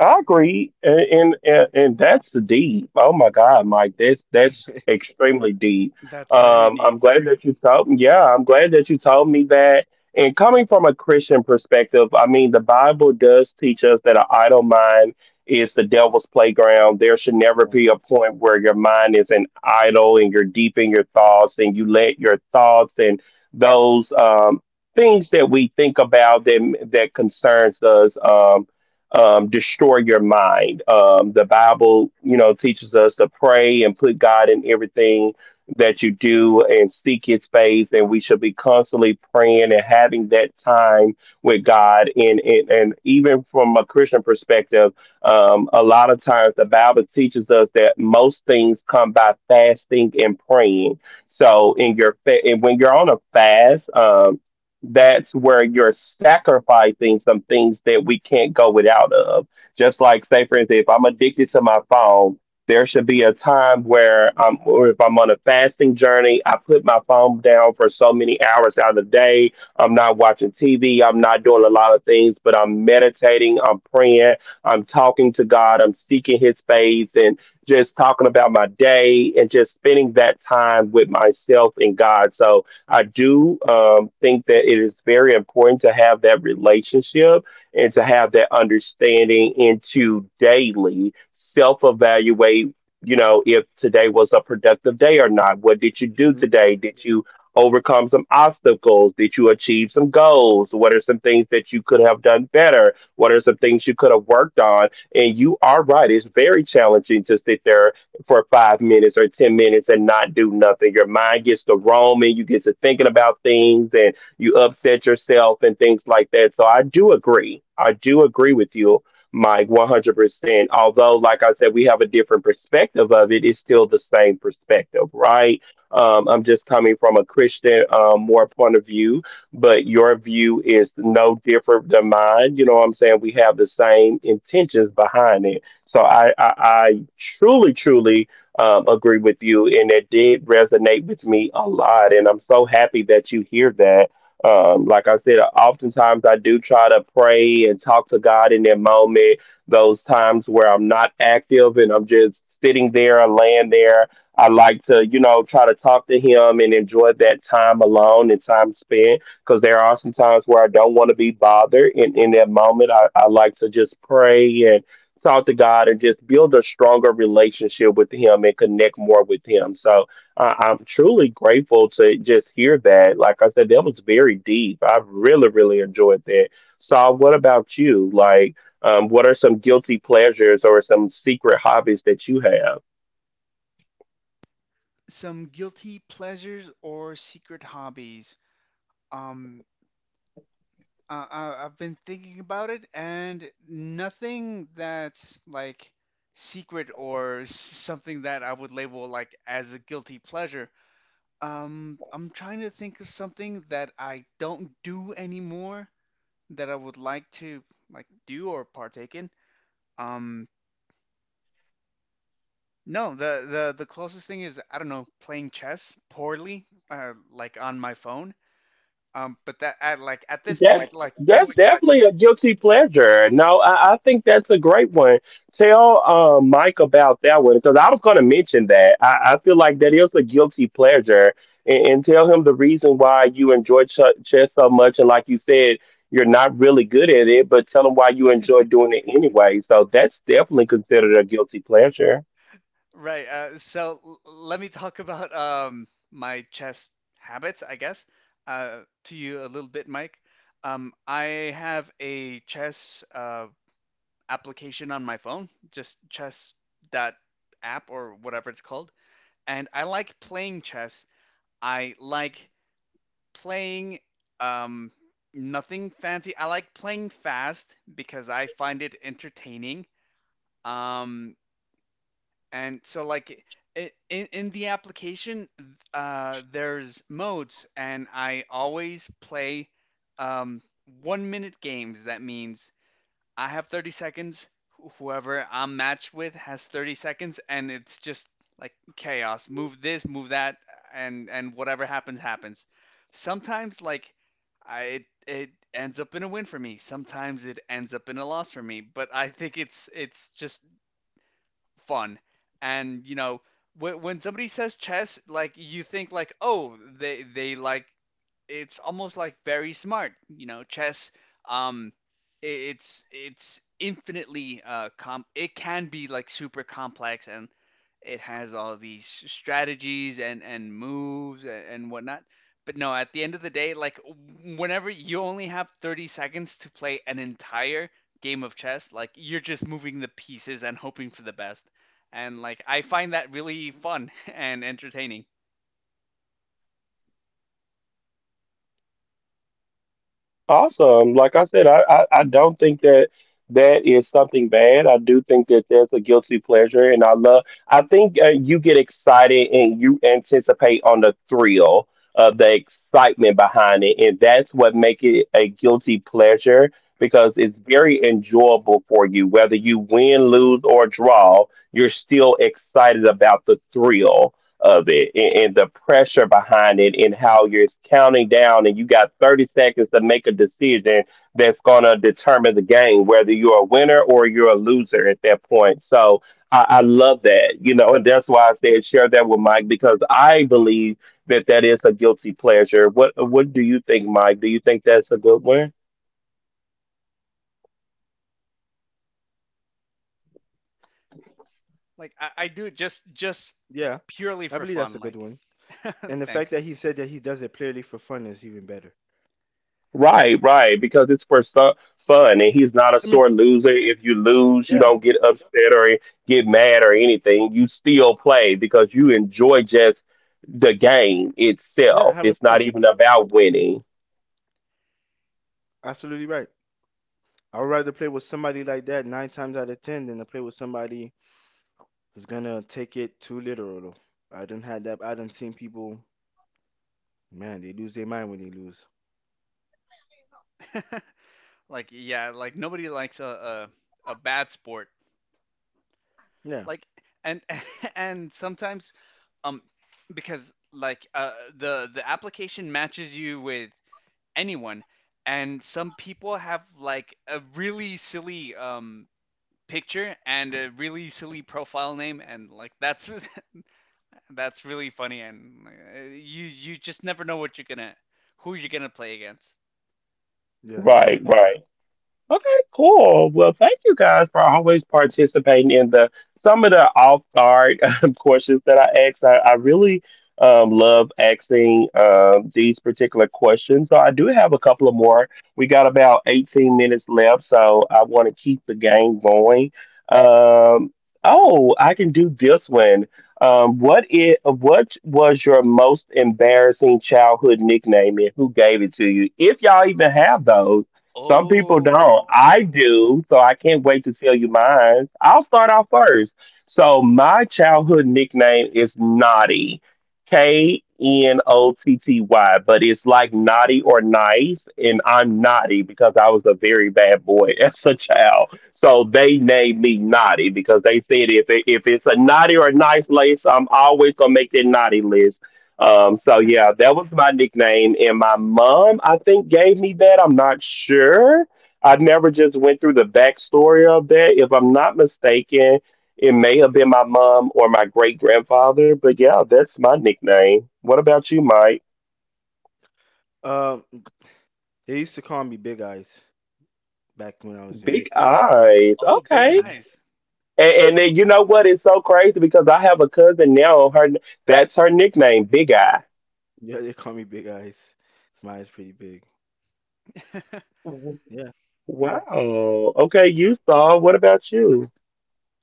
S1: I agree, and that's the deep. Oh my God, Mike, that's extremely deep.
S2: That's very deep.
S1: I'm glad that you told. Yeah, I'm glad that you told me that. And coming from a Christian perspective, I mean, the Bible does teach us that an idle mind is the devil's playground. There should never
S3: Yeah.
S1: be a point where your mind is an idle and you're deep in your thoughts, and you let your thoughts and those things that we think about that concerns us. Destroy your mind. The Bible, you know, teaches us to pray and put God in everything that you do and seek His face, and we should be constantly praying and having that time with God. And even from a Christian perspective, a lot of times the Bible teaches us that most things come by fasting and praying. So and when you're on a fast. That's where you're sacrificing some things that we can't go without of. Just like say for instance, if I'm addicted to my phone, there should be a time where I'm or if I'm on a fasting journey, I put my phone down for so many hours out of the day. I'm not watching TV, I'm not doing a lot of things, but I'm meditating, I'm praying, I'm talking to God, I'm seeking his face and just talking about my day and just spending that time with myself and God. So I do think that it is very important to have that relationship and to have that understanding and to daily self evaluate. You know, if today was a productive day or not. What did you do
S3: Hmm.
S1: today? Did you overcome some obstacles? Did you achieve some goals? What are some things that you could have done better? What are some things you could have worked on? And you are right, it's very challenging to sit there for 5 minutes or 10 minutes and not do nothing. Your mind gets to roaming, you get to thinking about things and you upset yourself and things like that. So I do agree. I do agree with you, Mike, 100%. Although, like I said, we have a different perspective of it, it's still the same perspective, right? I'm just coming from a Christian, more point of view, but your view is no different than mine. You know what I'm saying? We have the same intentions behind it, so I truly, truly agree with you, and it did resonate with me a lot. And I'm so happy that you hear that. Like I said, oftentimes I do try to pray and talk to God in that moment, those times where I'm not active and I'm just sitting there or laying there. I like to, you know, try to talk to Him and enjoy that time alone and time spent because there are some times where I don't want to be bothered. In that moment, I like to just pray and talk to God and just build a stronger relationship with Him and connect more with Him. So I'm truly grateful to just hear that. Like I said, that was very deep. I really, really enjoyed that. Saul, what about you? Like, what are some guilty pleasures or some secret hobbies that you have?
S2: Some guilty pleasures or secret hobbies. Um, I've been thinking about it, and nothing that's like secret or something that I would label like as a guilty pleasure. I'm trying to think of something that I don't do anymore that I would like to like do or partake in. Um, No, the closest thing is, I don't know, playing chess poorly, like, on my phone. But that at like at this
S1: That's
S2: point,
S1: I
S2: like
S1: that's
S2: that's
S1: wish I definitely a guilty pleasure. No, I think that's a great one. Tell Mike about that one because I was going to mention that. I feel like that is a guilty pleasure, and tell him the reason why you enjoy chess so much. And like you said, you're not really good at it, but tell him why you enjoy doing it anyway. So that's definitely considered a guilty pleasure.
S2: right. Let me talk about my chess habits, I guess, uh, to you a little bit, Mike. I have a chess application on my phone, just chess dot app or whatever it's called, and I like playing chess. I like playing um nothing fancy. I like playing fast because I find it entertaining. Um and so like I In the application there's modes, and I always play um one minute games. That means I have 30 seconds. Whoever I'm matched with has 30 seconds, and it's just like chaos. Move this, move that, and whatever happens happens. Sometimes like I it, it ends up in a win for me. Sometimes it ends up in a loss for me. But I think it's just fun, and you know, when somebody says chess, like you think, like, oh, they like, it's almost like very smart. You know, chess. Um, it's infinitely com. It can be like super complex, and it has all these strategies and moves, and whatnot. But no, at the end of the day, like, whenever you only have 30 seconds to play an entire game of chess, like, you're just moving the pieces and hoping for the best. And like, I find that really fun and entertaining.
S1: Awesome. Like I said, I don't think that that is something bad. I do think that that's a guilty pleasure, and I love. I think you get excited and you anticipate on the thrill of the excitement behind it, and that's what make it a guilty pleasure because it's very enjoyable for you. Whether you win, lose, or draw, you're still excited about the thrill of it and, the pressure behind it and how you're counting down and you got 30 seconds to make a decision that's going to determine the game, whether you're a winner or you're a loser at that point. So I love that, you know, and that's why I said share that with Mike because I believe that that is a guilty pleasure. What do you think, Mike? Do you think that's a good one?
S2: Like, I do it just
S3: Yeah,
S2: purely
S3: I
S2: for
S3: believe that's a
S2: fun.
S3: good
S2: Like,
S3: one. And the fact
S2: thanks.
S3: that he said that he does it purely for fun is even better.
S1: Right, right, because it's for fun, and he's not a
S3: I mean,
S1: sore loser. If you lose, you
S3: yeah,
S1: don't get upset or get mad or anything. You still play because you enjoy just the game
S3: yeah,
S1: itself.
S3: having
S1: It's not
S3: fun.
S1: even about winning.
S3: Absolutely right. I would rather play with somebody like that nine times out of ten than to play with somebody who's gonna take it too literal though. I done had that. I done seen people, man, they lose their mind when they lose.
S2: Like, yeah, like, nobody likes a a bad sport.
S3: Yeah,
S2: Like, and and sometimes, um because like, the application matches you with anyone, and some people have like a really silly picture and a really silly profile name, and like, that's that's really funny, and you just never know what you're gonna, who you're gonna play against.
S3: yeah, that's
S1: Right,
S3: true.
S1: right. Okay, cool. Well, thank you guys for always participating in the some of the off guard questions that I asked. I really love asking these particular questions. So I do have a couple of more. We got about 18 minutes left, so I want to keep the game going. Um, oh, I can do this one. What it what was your most embarrassing childhood nickname and who gave it to you? If y'all even have those, some people
S2: Oh,
S1: don't. I do, so I can't wait to tell you mine. I'll start off first. So my childhood nickname is Naughty, Knotty, but it's like naughty or nice, and I'm naughty because I was a very bad boy as a child. So they named me Naughty because they said if it, if it's a naughty or nice list, I'm always gonna make that naughty list. So yeah, that was my nickname, and my mom, I think, gave me that. I'm not sure. I never just went through the backstory of that. If I'm not mistaken, it may have been my mom or my great grandfather. But yeah, that's my nickname. What about you, Mike?
S3: Um, they used to call me Big Eyes back when I was young.
S1: Big eyes.
S2: oh, big
S1: Okay.
S3: Hmm.
S2: eyes.
S1: And then you know what? It's so crazy because I have a cousin now. Her, that's her nickname, Big Eye.
S3: Yeah, they call me Big Eyes. 'Cause my eyes pretty big. Yeah.
S1: Wow. Okay, you saw. What about you?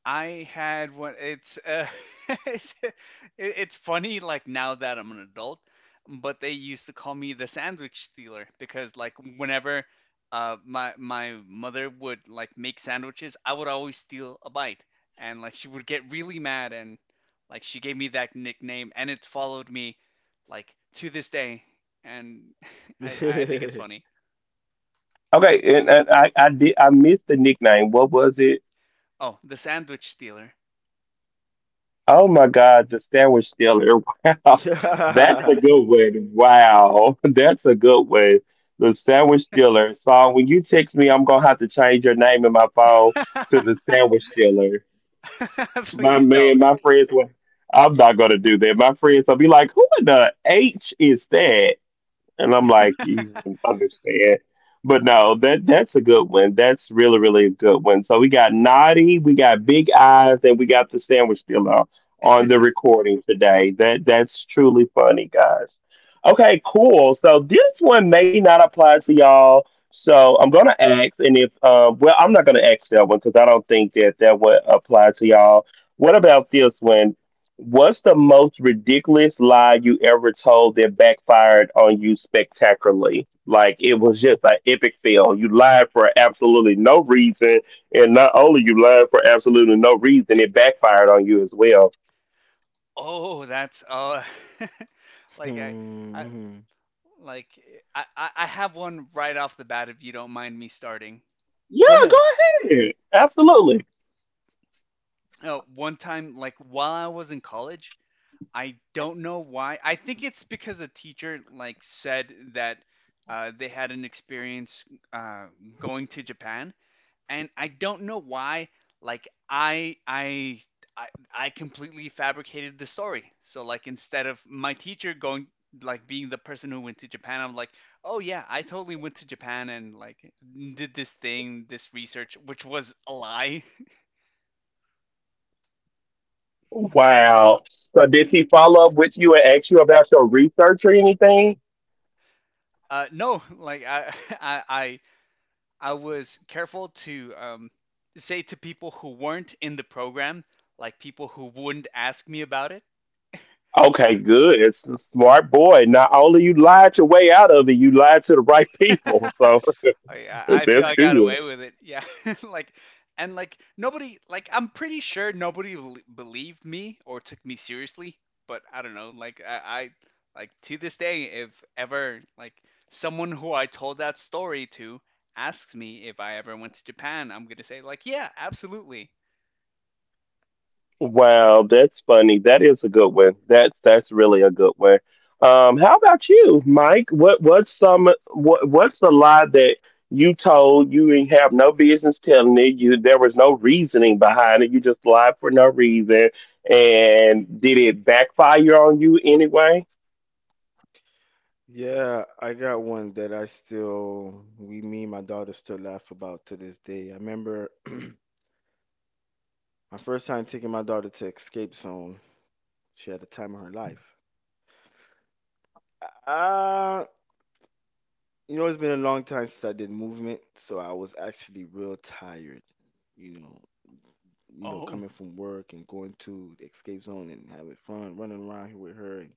S2: I had one. It's it's, it- it's funny. Like, now that I'm an adult, but they used to call me the sandwich stealer because like whenever my mother would like make sandwiches, I would always steal a bite, and like she would get really mad, and like she gave me that nickname, and it's followed me like to this day, and I think it's funny.
S1: Okay, and I did I missed the nickname. What was it?
S2: Oh, the sandwich stealer.
S1: Oh my God, the sandwich stealer. Wow, that's a
S3: Yeah.
S1: good one. Wow, that's a good one. The sandwich stealer. So when you text me, I'm gonna have to change your name in my phone to the sandwich stealer. My
S2: Please.
S1: man, my friends were. I'm not gonna do that. My friends will be like, "Who in the H is that?" And I'm like, you wouldn't understand. But no, that's a good one. That's really, really a good one. So we got Naughty, we got Big Eyes, and we got the sandwich dealer on the recording today. That's truly funny, guys. Okay, cool. So this one may not apply to y'all. So I'm gonna ask, and if well, I'm not gonna ask that one because I don't think that that would apply to y'all. What about this one? What's the most ridiculous lie you ever told that backfired on you spectacularly? Like it was just an epic fail. You lied for absolutely no reason, and not only you lied for absolutely no reason, it backfired on you as well.
S2: Oh, that's like I
S3: Hmm,
S2: I
S3: mhm.
S2: like I have one right off the bat if you don't mind me starting.
S3: Go
S1: Yeah, go
S3: ahead.
S1: ahead. Absolutely.
S2: Oh, one time like while I was in college, I don't know why. I think it's because a teacher like said that they had an experience uh, going to Japan, and I don't know why. Like, I, I completely fabricated the story. So like, instead of my teacher going like, being the person who went to Japan, I'm like, oh yeah, I totally went to Japan and like did this thing, this research, which was a lie.
S1: Wow. So did he follow up with you and ask you about your research or anything?
S2: No, like, I I I, I was careful to say to people who weren't in the program, like people who wouldn't ask me about it.
S1: Okay, good. It's a smart boy. Not only you lied your way out of it, you lied to the right people. So that's
S2: I feel I got
S1: good.
S2: away with it. Yeah. Like, and like, nobody, like, I'm pretty sure nobody believed me or took me seriously, but I don't know. Like, I, like, to this day, if ever, like, someone who I told that story to asks me if I ever went to Japan, I'm gonna say like, "Yeah, absolutely."
S1: Wow, that's funny. That is a good one. That's really a good one. How about you, Mike? What what's some what what's the lie that you told you didn't have no business telling it? You there was no reasoning behind it. You just lied for no reason. And did it backfire on you anyway?
S3: Yeah, I got one that I still, we, me and my daughter still laugh about to this day. I remember my first time taking my daughter to Escape Zone. She had the time of her life. Uh, you know, it's been a long time since I did movement, so I was actually real tired. You know, you know,
S2: Oh.
S3: coming from work and going to the Escape Zone and having fun, running around here with her and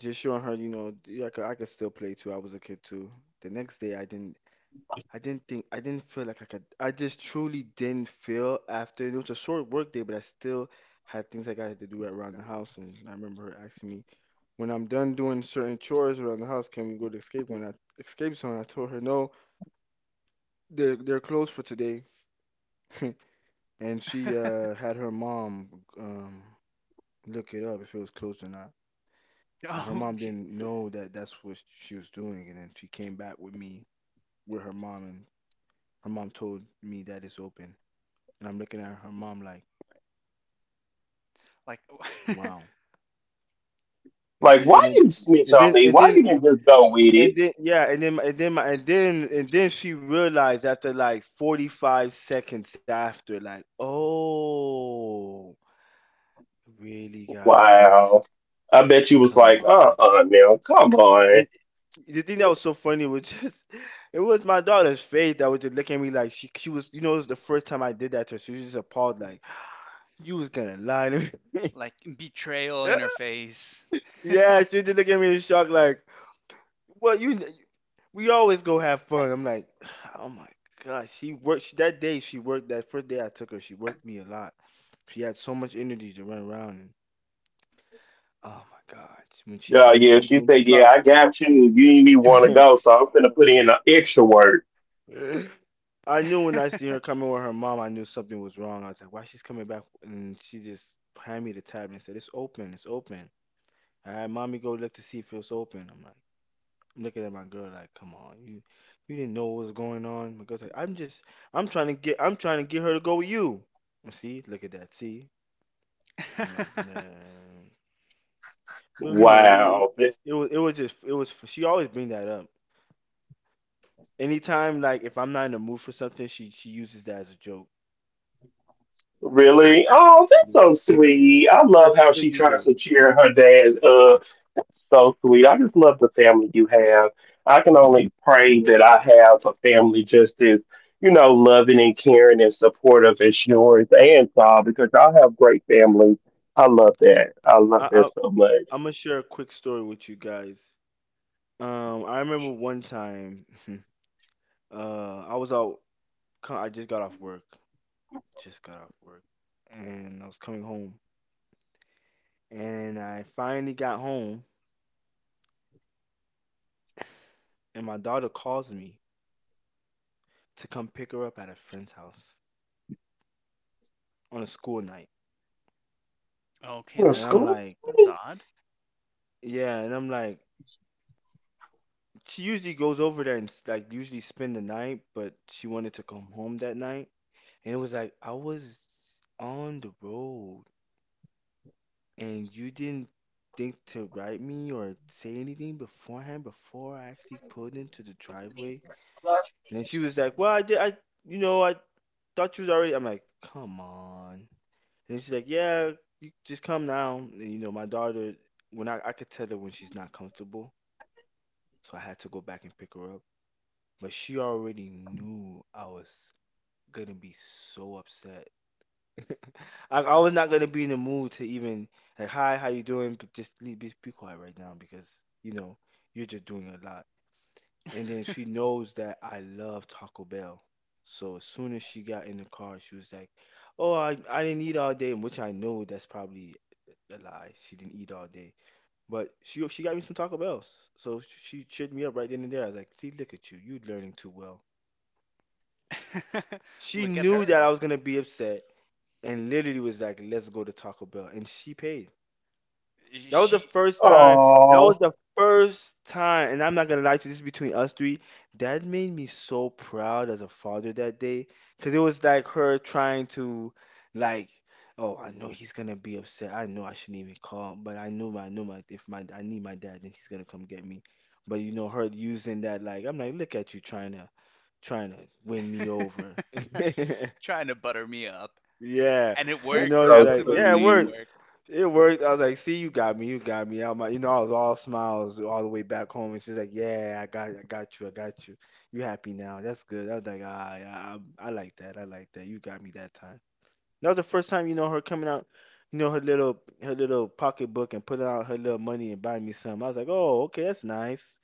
S3: just showing her, you know, I could still play too. I was a kid too. The next day, I didn't. I didn't think I didn't feel like I could. I just truly didn't feel after. It was a short work day, but I still had things like I got to do around the house. And I remember her asking me, "When I'm done doing certain chores around the house, can we go to escape when I escape zone?" I told her, "No, they're closed for today." And she had her mom um look it up if it was closed or not. And her
S2: Oh,
S3: mom
S2: shit.
S3: didn't know that that's what she was doing. And then she came back with me with her mom, and her mom told me that it's open. And I'm looking at her mom like.
S2: Like,
S3: Wow. And
S1: Like,
S3: she
S1: why
S3: and then
S1: you snitch
S3: and
S1: on
S3: then
S1: me?
S3: and
S1: Why
S3: then
S1: you didn't just go with it?
S3: and then yeah, and then my and then she realized after like 45 seconds after, like, oh, really, guys,
S1: Wow. I bet you was
S3: come
S1: like,
S3: on.
S1: uh-uh, now, come
S3: And
S1: on.
S3: the thing that was so funny was just it was my daughter's face that was just looking at me like she was, you know, it was the first time I did that to her. She was just appalled, like, you was gonna lie to me.
S2: like, betrayal in her face.
S3: Yeah, she was just looking at me in shock, like, well, you, we always go have fun. I'm like, oh my God, that day. She worked that first day I took her. She worked me a lot. She had so much energy to run around. And, oh my God, when she when
S1: Yeah,
S3: she
S1: she
S3: when she
S1: said, yeah,
S3: brought,
S1: I got you. You didn't even want to go, so I'm going to put in an extra work.
S3: I knew when I see her coming with her mom, I knew something was wrong. I was like, why she's coming back? And she just handed me the tab and said, it's open, it's open. I had mommy go look to see if it was open. I'm like. I'm looking at my girl like, come on, you didn't know what was going on. My girl's like, I'm just I'm trying to get her to go with you. And see, look at that. See, I'm like, man, but you know,
S1: Wow. This,
S3: was it was just it was. She always bring that up. Anytime like if I'm not in the mood for something, she uses that as a joke.
S1: really? Oh, that's so sweet. I
S3: Yeah,
S1: love
S3: she
S1: how
S3: still
S1: she
S3: uses
S1: tries
S3: that.
S1: to cheer her dad up. So sweet. I just love the family you have. I can only pray that I have a family just as, you know, loving and caring and supportive as yours and Saul, because y'all have great families. I love that. I
S3: I,
S1: love
S3: I
S1: that so much.
S3: I'm gonna share a quick story with you guys. I remember one time, I was out. I just got off work. Just got off work and I was coming home. And I finally got home and my daughter calls me to come pick her up at a friend's house on a school night.
S2: Okay,
S1: Oh,
S3: And I'm
S1: Scoop.
S3: like,
S2: that's odd.
S3: yeah, and I'm like, she usually goes over there like usually spend the night, but she wanted to come home that night. And it was like, I was on the road and you didn't think to write me or say anything beforehand before I actually pulled into the driveway. And then she was like, well, I did, you know, I thought you was already. I'm like, come on. And she's like, yeah, you just come now. And you know, my daughter, when I could tell her when she's not comfortable, so I had to go back and pick her up. But she already knew I was gonna be so upset. I was not gonna be in the mood to even like, hi, how you doing? But just leave, be quiet right now because you know you're just doing a lot. And then she knows that I love Taco Bell. So as soon as she got in the car, she was like, "Oh, I didn't eat all day," which I know that's probably a lie. She didn't eat all day, but she got me some Taco Bells. So she cheered me up right then and there. I was like, "See, look at you, you learning too well." She
S2: Look at
S3: knew
S2: her.
S3: that I was gonna be upset, and literally was like, "Let's go to Taco Bell," and she paid. That was the
S2: She
S3: first time. That was
S1: Oh,
S3: the first time, and I'm not gonna lie to you, this is between us three. That made me so proud as a father that day, cause it was like her trying to, like, oh, I know he's gonna be upset. I know I shouldn't even call him, but I knew my, if my, I need my dad, then he's gonna come get me. But you know, her using that, like, I'm like, look at you trying to, trying to win me over.
S2: trying to butter me up.
S3: Yeah,
S2: And it
S3: you
S1: that's
S2: worked.
S3: know, it's
S1: so
S3: like, yeah, it
S2: Absolutely, it
S3: worked.
S1: sweet.
S2: worked.
S3: It worked. I was like, "See, you got me. You got me." I'm like, you know, I was all smiles all the way back home, and she's like, "Yeah, I got you. I got you. You happy now? That's good." I was like, "Ah, yeah, I like that. I like that. You got me that time." That was the first time, you know, her coming out, you know, her little pocketbook and putting out her little money and buying me some. I was like, "Oh, okay, that's nice."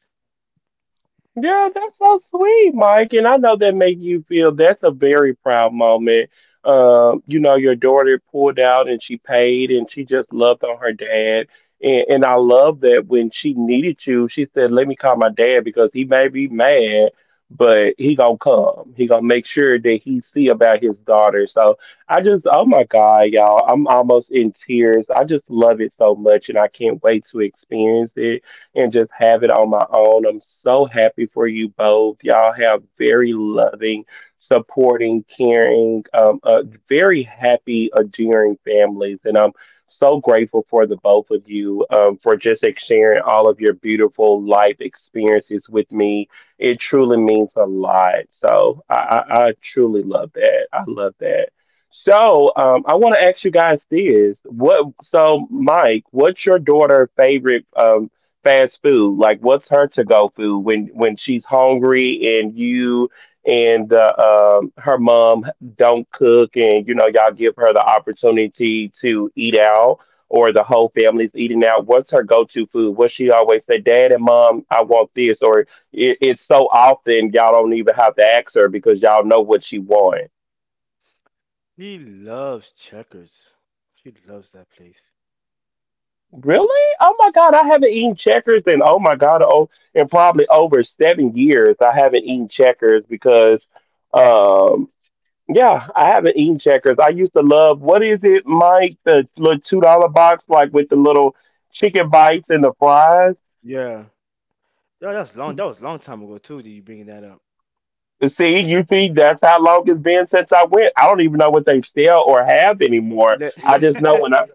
S1: Yeah, that's so sweet, Mike. And I know that make you feel that's a very proud moment. You know, your daughter pulled out and she paid and she just loved on her dad. And I love that when she needed you, she said, "Let me call my dad because he may be mad, but he gonna come. He gonna make sure that he see about his daughter." So I just, oh my God, y'all, I'm almost in tears. I just love it so much, and I can't wait to experience it and just have it on my own. I'm so happy for you both. Y'all have very loving, supporting, caring, very happy, endearing families. And I'm so grateful for the both of you, for just sharing all of your beautiful life experiences with me. It truly means a lot. So I truly love that. I love that. So, I want to ask you guys this. So Mike, what's your daughter favorite, fast food? Like, what's her to go food when she's hungry and you and her mom don't cook, and you know y'all give her the opportunity to eat out, or the whole family's eating out? What's her go to food? What she always say, "Dad and Mom, I want this," or it's so often y'all don't even have to ask her because y'all know what she wants?
S3: She loves Checkers. She loves that place.
S1: Really? Oh my God, I haven't eaten checkers in, oh my God, oh, in probably over 7 years. I haven't eaten checkers because um yeah, I haven't eaten checkers. I used to love, what is it, Mike? The little $2 box like with the little chicken bites and the fries.
S3: Yeah. Yeah, that's long. That was a long time ago too. That you bringing that up?
S1: See, you see, that's how long it's been since I went. I don't even know what they sell or have anymore.
S3: Let,
S1: I
S3: let,
S1: just know when I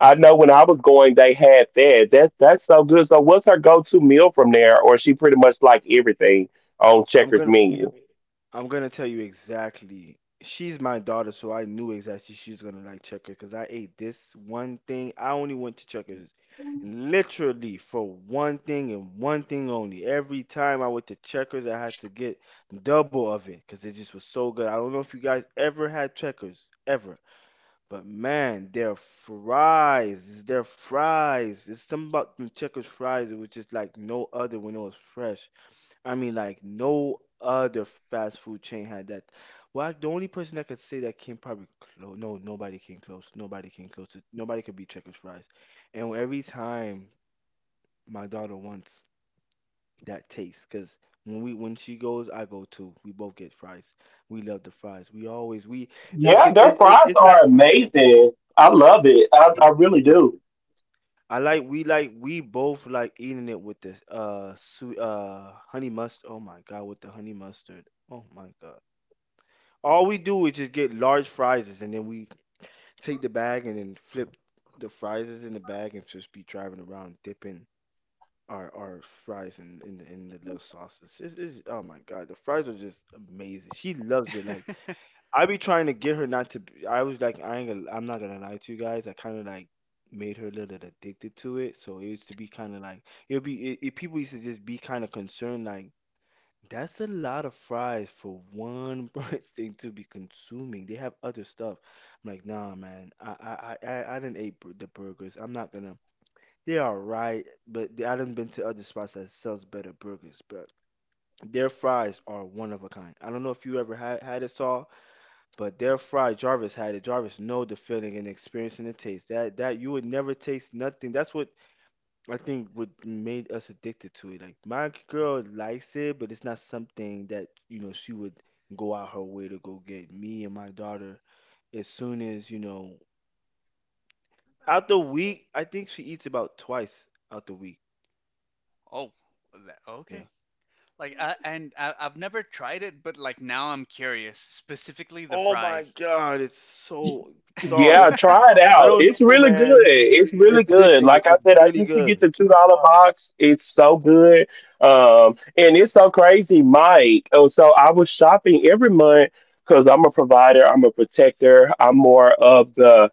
S1: I know when I was going, they had that. That's so good. So what's her go-to meal from there, or she pretty much like everything on
S3: I'm
S1: Checkers
S3: gonna.
S1: menu?
S3: I'm gonna tell you exactly. She's my daughter, so I knew exactly she's gonna like Checkers because I ate this one thing. I only went to Checkers literally for one thing and one thing only. Every time I went to Checkers, I had to get double of it because it just was so good. I don't know if you guys ever had Checkers, ever, but man, their fries. It's something about them Checkers fries. It was just like no other when it was fresh. I mean, like no other fast food chain had that. Well, the only person that could say that came probably close. No, nobody came close. Nobody came close. Nobody could beat Checkers fries. And every time my daughter wants that taste, because when she goes, I go too. We both get fries. We love the fries. We always we. It's the
S1: Yeah,
S3: it's
S1: their
S3: it,
S1: fries
S3: it's not.
S1: are amazing.
S3: Uh,
S1: I love it. I,
S3: it's-
S1: I
S3: it-
S1: really
S3: it-
S1: do.
S3: I like we both like eating it with the sweet honey mustard. Oh my God, with the honey mustard. Oh my God. All we do is just get large fries and then we take the bag and then flip the fries in the bag and just be driving around dipping our fries in the in the little sauces. It's, oh my God, the fries are just amazing. She loves it. Like I be trying to get her not to. I was like, I ain't gonna, I'm not gonna lie to you guys. I kind of like made her a little addicted to it. So it used to be kind of like it'll be it, it, people used to just be kind of concerned like that's a lot of fries for one person to be consuming. They have other stuff. I'm like, nah, man. I didn't eat the burgers. I'm not gonna. They are right, but they, I done been to other spots that sells better burgers. But their fries are one of a kind. I don't know if you ever had it, Saul, but their fries, Jarvis had it. Jarvis know the feeling and the experience and the taste. That that you would never taste nothing. That's what I think what made us addicted to it. Like my girl likes it, but it's not something that, you know, she would go out her way to go get. Me and my daughter, as soon as, you know, out the week, I think she eats about twice out the week.
S2: Oh, that,
S3: Yeah.
S2: okay. Like, and I've never tried it, but like, now I'm curious, specifically the
S3: Oh my
S2: fries.
S3: God, it's so
S1: Yeah,
S3: it's
S1: try it
S3: I
S1: out.
S3: don't
S1: It's
S3: know,
S1: really good.
S3: man.
S1: It's really
S3: It's
S1: good.
S3: addicting.
S1: Like I
S3: It's
S1: said, I
S3: really
S1: used to get
S3: good.
S1: the $2 box. It's so good. And it's so crazy, Mike. Oh, so I was shopping every month because I'm a provider. I'm a protector. I'm more of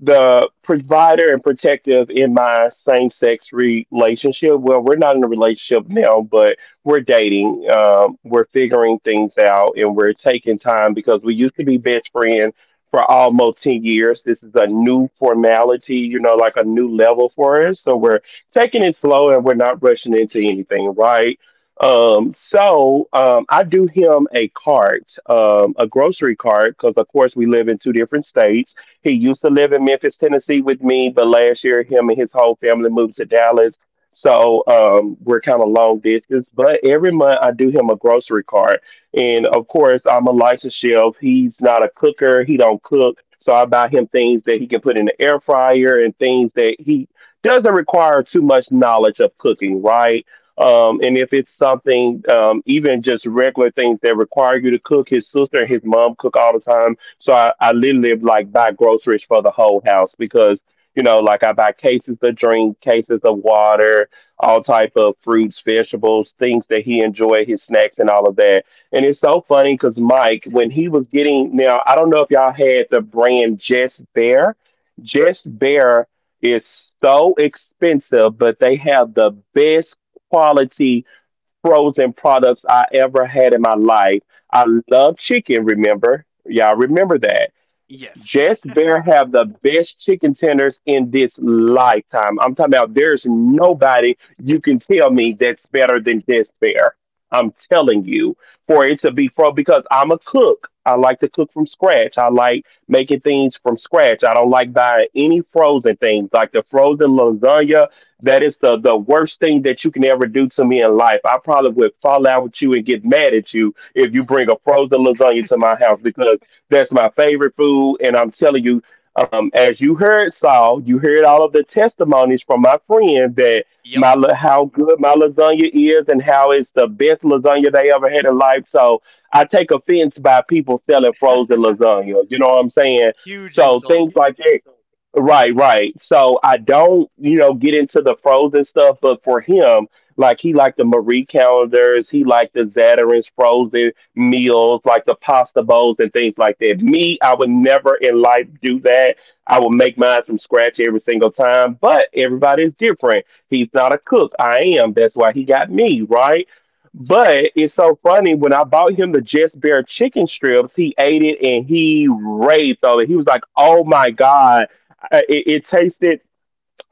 S1: the provider and protective in my same sex relationship. Well, we're not in a relationship now, but we're dating. We're figuring things out and we're taking time because we used to be best friends for almost 10 years. This is a new formality, you know, like a new level for us. So we're taking it slow and we're not rushing into anything, right? I do him a cart, a grocery cart, because of course we live in two different states. He used to live in Memphis, Tennessee with me, but last year him and his whole family moved to Dallas. So we're kind of long distance. But every month I do him a grocery cart. And of course, I'm a licensed chef. He's not a cooker. He don't cook. So I buy him things that he can put in the air fryer and things that he doesn't require too much knowledge of cooking, right? And if it's something, even just regular things that require you to cook, his sister and his mom cook all the time, so I literally like buy groceries for the whole house because, you know, like I buy cases of drink, cases of water, all type of fruits, vegetables, things that he enjoy, his snacks and all of that. And it's so funny because Mike, when he was getting, now I don't know if y'all had the brand Just Bear. Just Bear is so expensive, but they have the best quality frozen products I ever had in my life. I love chicken, remember? Y'all remember that.
S2: Yes.
S1: Jess Bear have the best chicken tenders in this lifetime. I'm talking about there's nobody you can tell me that's better than Jess Bear. I'm telling you, for it to be pro, because I'm a cook. I like to cook from scratch. I like making things from scratch. I don't like buying any frozen things like the frozen lasagna. That is the worst thing that you can ever do to me in life. I probably would fall out with you and get mad at you if you bring a frozen lasagna to my house because that's my favorite food. And I'm telling you, as you heard, Saul, you heard all of the testimonies from my friend that
S2: Yep.
S1: how good my lasagna is and how it's the best lasagna they ever had in life. So I take offense by people selling frozen lasagna. You know what I'm saying?
S2: Huge
S1: So
S2: insult.
S1: things like that. Right, right. So I don't, you know, get into the frozen stuff, but for him, like he liked the Marie calendars, he liked the Zatarain's frozen meals like the pasta bowls and things like that. Me, I would never in life do that. I will make mine from scratch every single time, but everybody's different. He's not a cook. I am. That's why he got me, right? But it's so funny when I bought him the Just bare chicken strips, he ate it and he raved over it. He was like, "Oh my god, it tasted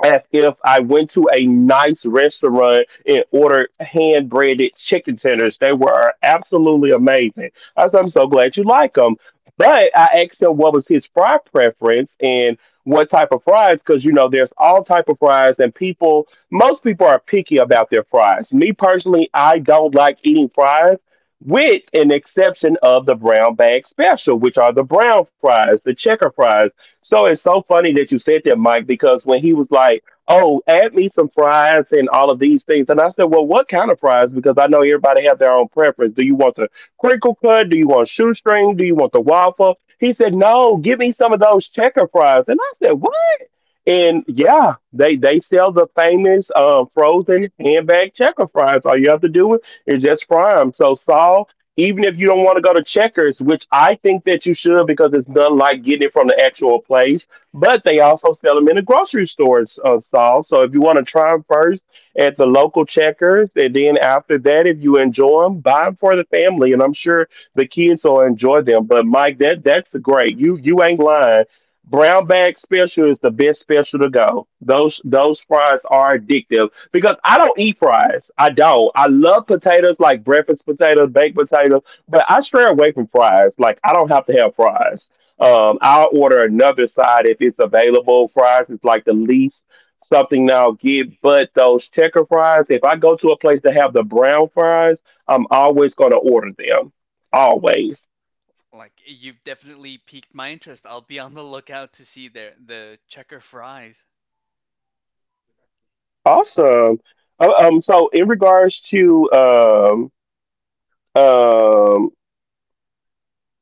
S1: as if I went to a nice restaurant and ordered hand breaded chicken tenders. They were absolutely amazing." I said, "I'm so glad you like them." But I asked him what was his fry preference and what type of fries, because you know there's all type of fries, and people, most people are picky about their fries. Me personally, I don't like eating fries, with an exception of the brown bag special, which are the brown fries, the checker fries. So it's so funny that you said that, Mike, because when he was like, "Oh, add me some fries and all of these things," and I said, "Well, what kind of fries?" Because I know everybody have their own preference. Do you want the crinkle cut? Do you want shoestring? Do you want the waffle? He said, "No, give me some of those checker fries." And I said, "What?" And yeah, they sell the famous frozen handbag checker fries. All you have to do is just fry them. So Saul, even if you don't want to go to Checkers, which I think that you should because it's done like getting it from the actual place, but they also sell them in the grocery stores, Saul. So if you want to try them first at the local Checkers, and then after that, if you enjoy them, buy them for the family, and I'm sure the kids will enjoy them. But Mike, that's great. You ain't lying. Brown bag special is the best special to go. Those fries are addictive because I don't eat fries. I don't. I love potatoes like breakfast potatoes, baked potatoes, but I stray away from fries. Like I don't have to have fries. I'll order another side if it's available. Fries is like the least something that I'll get, but those checker fries. If I go to a place to have the brown fries, I'm always going to order them. Always.
S2: Like, you've definitely piqued my interest. I'll be on the lookout to see their the checker fries.
S1: Awesome. So in regards to um,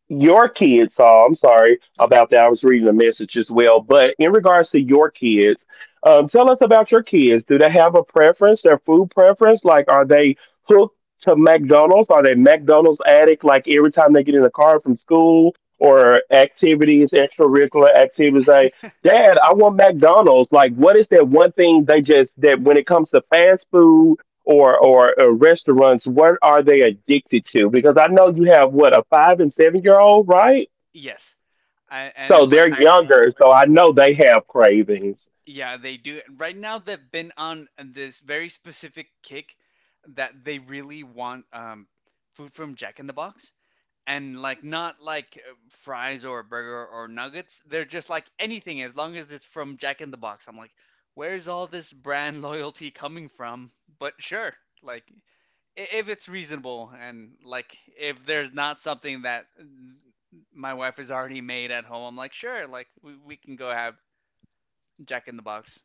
S1: your kids, Saul, I'm sorry about that. I was reading a message as well, but in regards to your kids, tell us about your kids. Do they have a preference, their food preference? Like, are they hooked to McDonald's? Are they McDonald's addict? Like every time they get in the car from school or activities, extracurricular activities, they, "Dad, I want McDonald's." Like, what is that one thing they just, that, when it comes to fast food or restaurants, what are they addicted to? Because I know you have, what, a 5 and 7 year old, right?
S2: Yes. I,
S1: So
S2: and like
S1: they're younger, so I know they have cravings.
S2: Yeah, they do. Right now, they've been on this very specific kick that they really want, food from Jack in the Box. And like, not like, fries or a burger or nuggets. They're just like anything as long as it's from Jack in the Box. I'm like, where's all this brand loyalty coming from? But sure, like, if it's reasonable, and like, if there's not something that my wife has already made at home, I'm like, sure, like, we can go have Jack in the Box,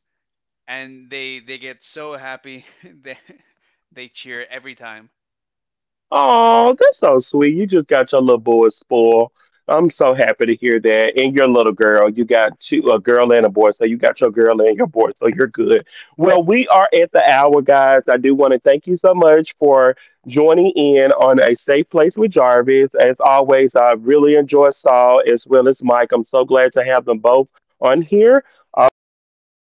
S2: and they get so happy they they cheer every time.
S1: Oh, that's so sweet. You just got your little boy spoiled. I'm so happy to hear that. And your little girl, you got two, a girl and a boy. So you got your girl and your boy. So you're good. Well, we are at the hour, guys. I do want to thank you so much for joining in on A Safe Place with Jarvis. As always, I really enjoy Saul as well as Mike. I'm so glad to have them both on here. I'll go ahead and end.